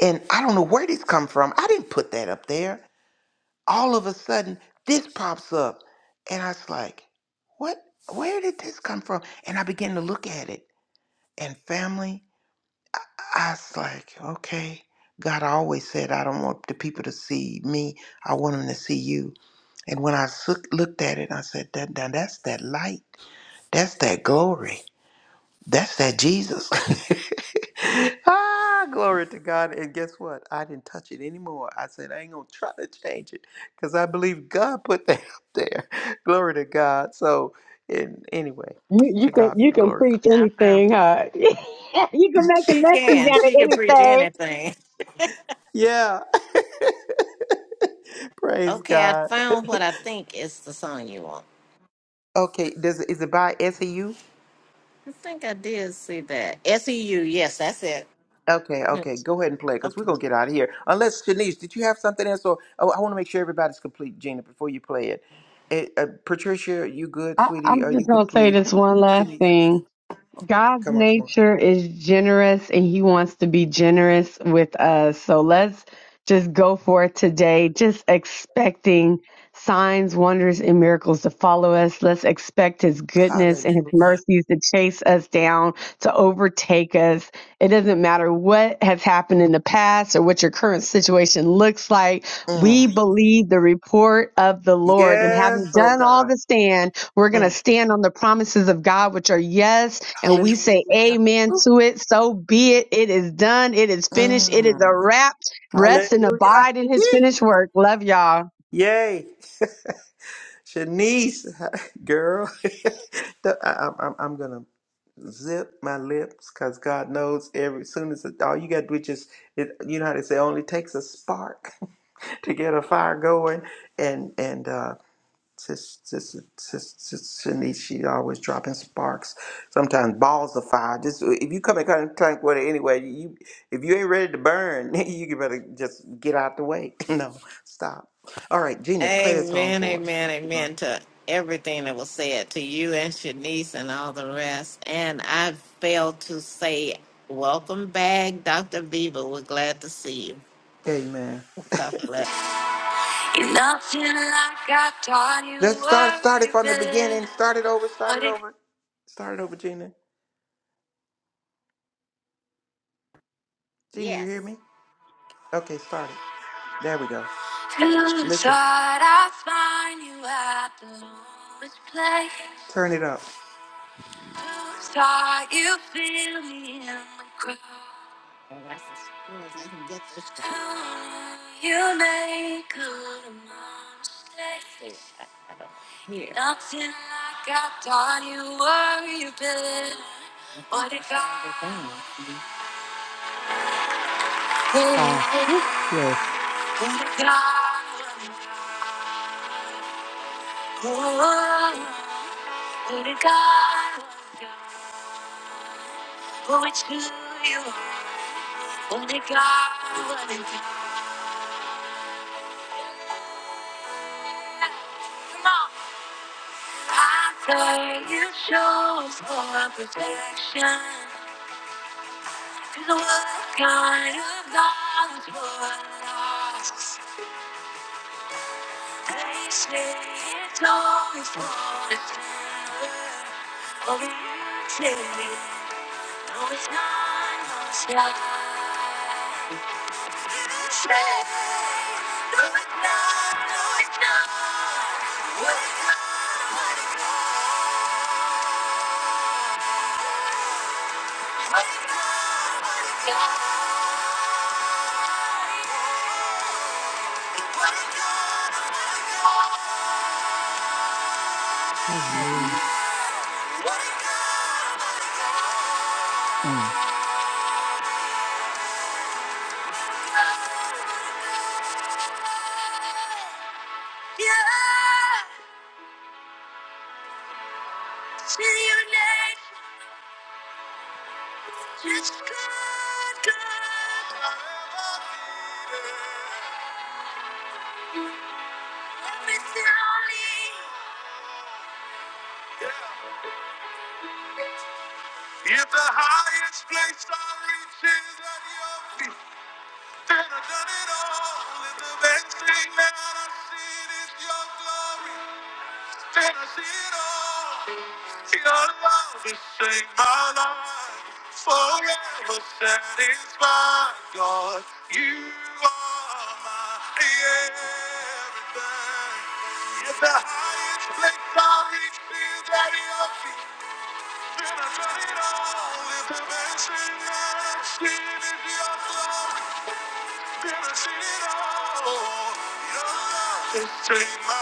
Speaker 6: And I don't know where this come from. I didn't put that up there. All of a sudden, this pops up. And I was like, what? Where did this come from? And I began to look at it. And family, I was like, okay. God always said, I don't want the people to see me. I want them to see you. And when I sook- looked at it, I said, that, now that's that light. That's that glory. That's that Jesus. ah, glory to God. And guess what? I didn't touch it anymore. I said, I ain't going to try to change it because I believe God put that up there. Glory to God. So, and anyway,
Speaker 9: You, you
Speaker 6: to
Speaker 9: can
Speaker 6: God be
Speaker 9: you
Speaker 6: the
Speaker 9: can
Speaker 6: glory for
Speaker 9: preach
Speaker 6: that.
Speaker 4: I found
Speaker 9: anything,
Speaker 4: it.
Speaker 9: huh? you can make a
Speaker 4: She
Speaker 9: message
Speaker 4: can.
Speaker 9: out of
Speaker 4: She can preach
Speaker 9: anything.
Speaker 4: anything.
Speaker 6: Yeah. Praise
Speaker 4: Okay, I
Speaker 6: God.
Speaker 4: found what I think is the song you want.
Speaker 6: Okay. Does Is it by SEU?
Speaker 4: I think I did see that. S E U. Yes, that's it.
Speaker 6: Okay, okay, go ahead and play
Speaker 4: Okay.
Speaker 6: because we're gonna get out of here. Unless Shanice, did you have something else? Or oh, I want to make sure everybody's complete, Gina, before you play it. Eh, uh, Patricia, you good,
Speaker 9: I,
Speaker 6: sweetie? Are
Speaker 9: I'm
Speaker 6: you
Speaker 9: just gonna say
Speaker 6: complete?
Speaker 9: this one last
Speaker 6: Shanice,
Speaker 9: thing. God's nature is generous and he wants to be generous with us. So let's just go for it today, just expecting signs, wonders, and miracles to follow us. Let's expect His
Speaker 6: hallelujah.
Speaker 9: goodness and His mercies to chase us down, to overtake us. It doesn't matter what has happened in the past or what your current situation looks like. We
Speaker 6: Mm.
Speaker 9: believe the report of the Lord. And
Speaker 6: Yes,
Speaker 9: having
Speaker 6: oh
Speaker 9: done all
Speaker 6: God.
Speaker 9: to stand, we're going to
Speaker 6: Mm.
Speaker 9: stand on the promises of God, which are yes. And we say
Speaker 6: Hallelujah.
Speaker 9: amen to it. So be it. It is done. It is finished. It is
Speaker 6: Mm.
Speaker 9: a wrap. Rest and
Speaker 6: Hallelujah.
Speaker 9: abide in His
Speaker 6: Yee.
Speaker 9: finished work. Love y'all.
Speaker 6: Yay. Shanice, girl, the- I, am I'm, I'm gonna zip my lips because God knows every soon as it, all you gotta do is just it, you know how they say only takes a spark to get a fire going and and uh just just just sis Shanice, she always dropping sparks. Sometimes balls of fire. Just if you come in contact with it anyway, you if you ain't ready to burn, you better just get out the way. No, stop. All right, Gina, play that song
Speaker 4: Amen,
Speaker 6: for us.
Speaker 4: amen, amen to everything that was said to you and Shanice and all the rest. And I failed to say, Welcome back, Dr. Beaver. We're glad to see you.
Speaker 6: Amen.
Speaker 4: God bless. You're nothing like I thought you
Speaker 6: Let's start start
Speaker 4: were.
Speaker 6: it
Speaker 4: You've
Speaker 6: from the
Speaker 4: been
Speaker 6: beginning. Start it over. Start
Speaker 4: what
Speaker 6: it
Speaker 4: it
Speaker 6: over. Start it over, Gina. Gina, you
Speaker 4: Yes.
Speaker 6: hear me? Okay, start it. There we go.
Speaker 4: feels.
Speaker 6: Listen.
Speaker 4: Thought I'd find you at the lowest place.
Speaker 6: Turn it up.
Speaker 4: Saw you feel me in the crowd. Oh, that's as cool I can get this time. Ooh, You make good mistake. I, I don't hear. Nothing like I thought you were, you been. What if I? What if I? What
Speaker 6: Ah, yay.
Speaker 4: if I? What if I? What if I? What if I? What if I? Come on. Father, you chose for protection. Is what kind of God for us? They say it's always for the sinner. But you say, no, it's not your side. You say, no, it's not, no, it's not. What it's not, what it's not.
Speaker 6: Hallelujah.
Speaker 4: Yeah. If the highest place I reach is at your feet, then I've done it all. If the best thing that I've seen is your glory, then I see it all. Your love has saved my life, forever satisfied. God, you are my everything. If the highest place I reach is at your feet, Take my life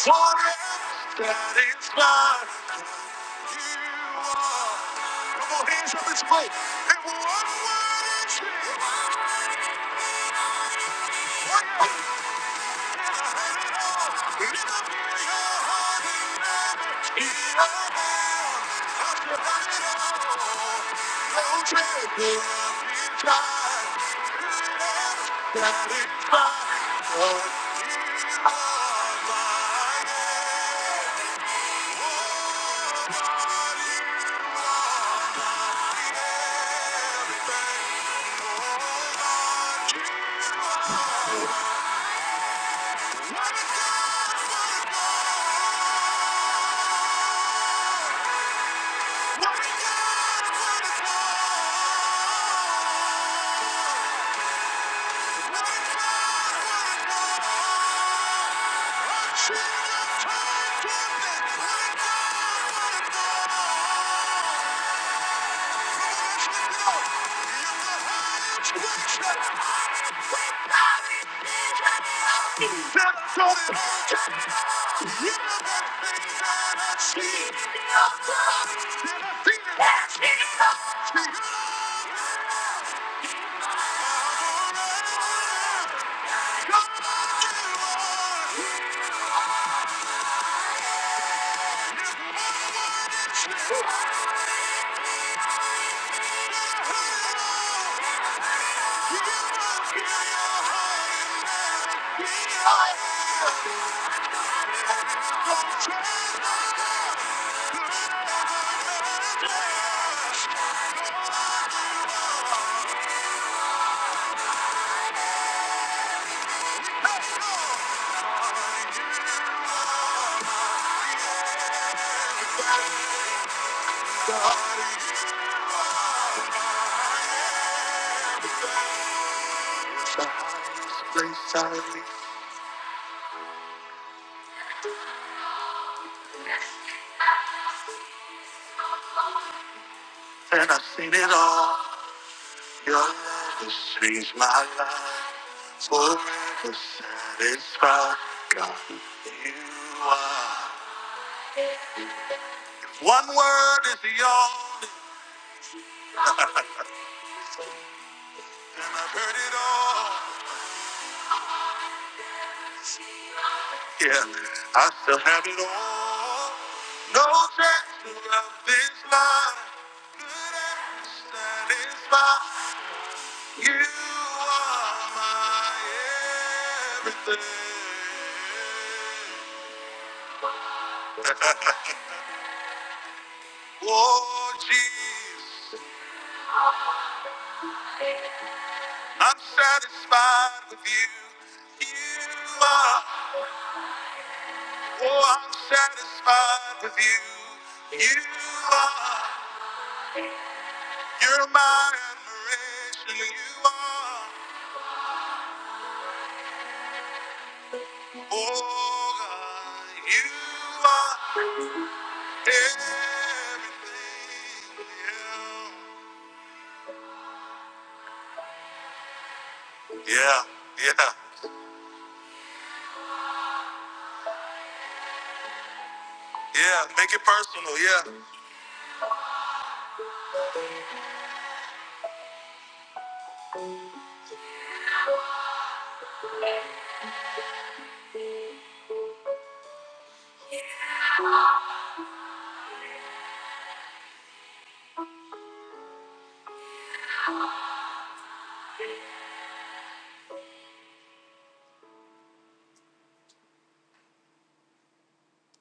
Speaker 4: forever. That is mine. You are. Come on, hands up, it's mine. And one word is here. We'll never heal your heart, and never be enough. After having it all, no treasure of this kind could ever satisfy. What you want, my head? What you want? Just let me go. Wake up! I'm Yeah. The highest, the highest grace I leave, and I've seen it all. Your love has changed my life, forever satisfied. God, you are. One word is the only, and I've heard it all. Yeah, I still have it all. No chance to love this life. Could ever satisfy. You are my everything. Oh, Jesus, I'm satisfied with you. You are. Oh, I'm satisfied with you. You are. You're my admiration. You are. Oh God, you are everything. Yeah, yeah, yeah. yeah. Make it personal. Yeah.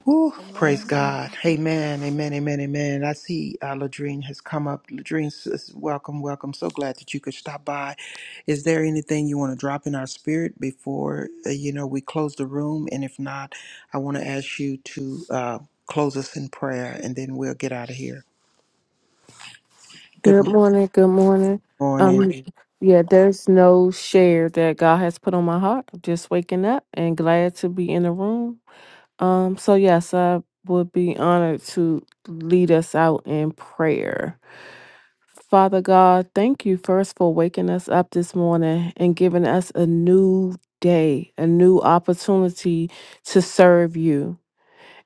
Speaker 6: Woo, praise God. Amen, amen, amen, amen. I see uh, Ladrine has come up. Ladrine, sis, welcome, welcome. So glad that you could stop by. Is there anything you want to drop in our spirit before, uh, you know, we close the room? And if not, I want to ask you to uh, close us in prayer and then we'll get out of here. Good
Speaker 10: Good morning. Good morning. Um,
Speaker 6: morning.
Speaker 10: Morning. yeah, there's no share that God has put on my heart. I'm just waking up and glad to be in the room. Um, so yes, I would be honored to lead us out in prayer. Father God, thank you first for waking us up this morning and giving us a new day, a new opportunity to serve you.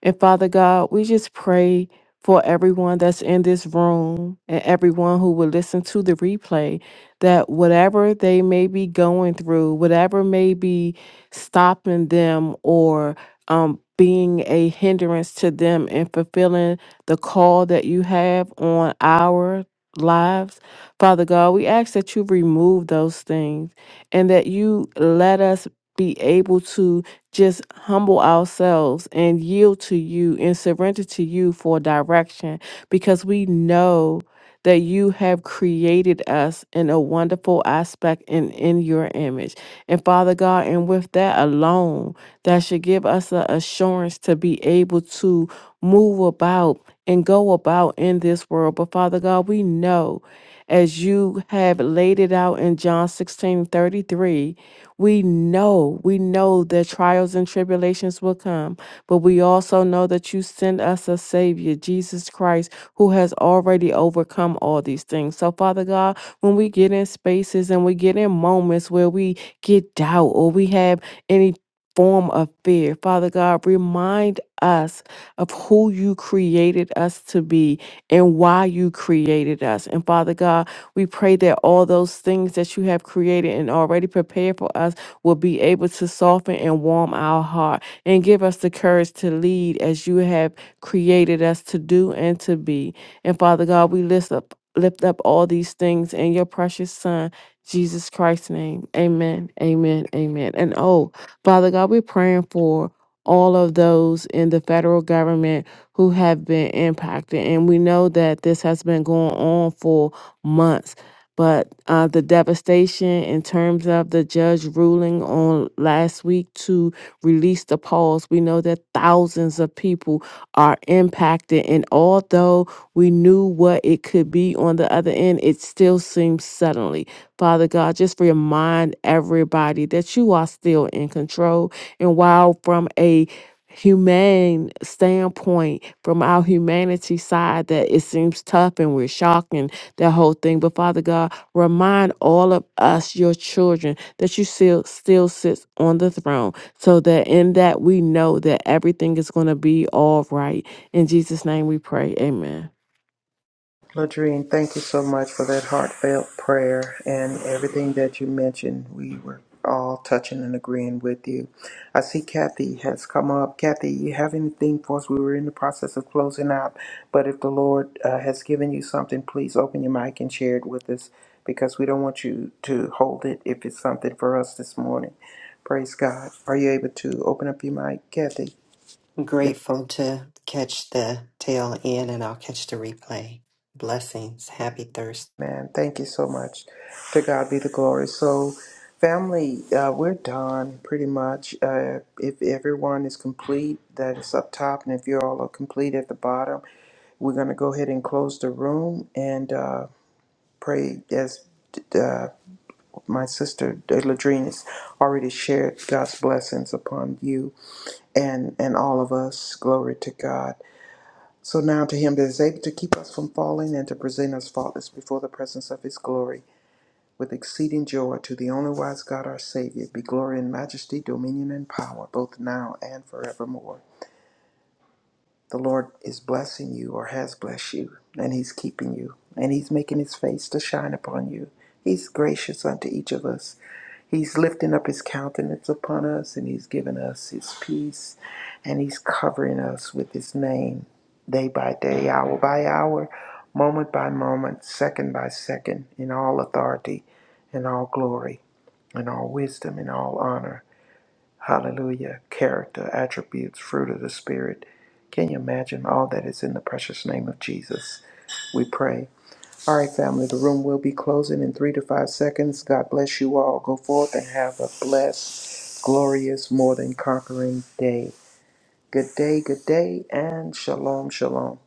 Speaker 10: And Father God, we just pray for everyone that's in this room and everyone who will listen to the replay that whatever they may be going through, whatever may be stopping them or um, being a hindrance to them in fulfilling the call that you have on our lives. Father God, we ask that you remove those things and that you let us be able to just humble ourselves and yield to you and surrender to you for direction because we know that you have created us in a wonderful aspect and in your image. And Father God, and with that alone, that should give us the assurance to be able to move about and go about in this world. But Father God, we know as you have laid it out in John 16 33, we know, we know that trials and tribulations will come, but we also know that you send us a Savior, Jesus Christ, who has already overcome all these things. So, Father God, when we get in spaces and we get in moments where we get doubt or we have any form of fear, Father God, remind us of who you created us to be and why you created us. And Father God, we pray that all those things that you have created and already prepared for us will be able to soften and warm our heart and give us the courage to lead as you have created us to do and to be. And Father God, we lift up lift up all these things in your precious son Jesus Christ's name. Amen. Amen. Amen. And oh, Father God, we're praying for all of those in the federal government who have been impacted. And we know that this has been going on for months. But uh, the devastation in terms of the judge ruling on last week to release the pause, we know that thousands of people are impacted. And although we knew what it could be on the other end, it still seems suddenly. Father God, just remind everybody that you are still in control. And while from a humane standpoint from our humanity side that it seems tough and we're shocked and that whole thing but father god remind all of us your children that you still still sits on the throne so that in that we know that everything is going to be all right in jesus name we pray amen
Speaker 6: Ladrine, thank you so much for that heartfelt prayer and everything that you mentioned. We were all touching and agreeing with you. I see Kathy has come up. Kathy, you have anything for us? We were in the process of closing out, but if the Lord uh, has given you something, please open your mic and share it with us because we don't want you to hold it if it's something for us this morning. Praise God. Are you able to open up your mic, Kathy?
Speaker 11: Grateful to catch the tail end and I'll catch the replay. Blessings. Happy Thursday.
Speaker 6: Man, thank you so much. To God be the glory. So, family, uh, we're done pretty much. Uh, if everyone is complete, that is up top, and if you all are complete at the bottom, we're going to go ahead and close the room and uh, pray as uh, my sister Ladrine has already shared God's blessings upon you and, and all of us. Glory to God. So now to him that is able to keep us from falling and to present us faultless before the presence of his glory with exceeding joy to the only wise God our Savior be glory and majesty, dominion and power, both now and forevermore. The Lord is blessing you or has blessed you, and He's keeping you, and He's making His face to shine upon you. He's gracious unto each of us. He's lifting up His countenance upon us, and He's giving us His peace, and He's covering us with His name day by day, hour by hour, moment by moment, second by second, in all authority and all glory in all wisdom, in all honor. Hallelujah. Character, attributes, fruit of the Spirit. Can you imagine all that is in the precious name of Jesus? We pray. All right, family, the room will be closing in three to five seconds. God bless you all. Go forth and have a blessed, glorious, more than conquering day. Good day, good day, and shalom, shalom.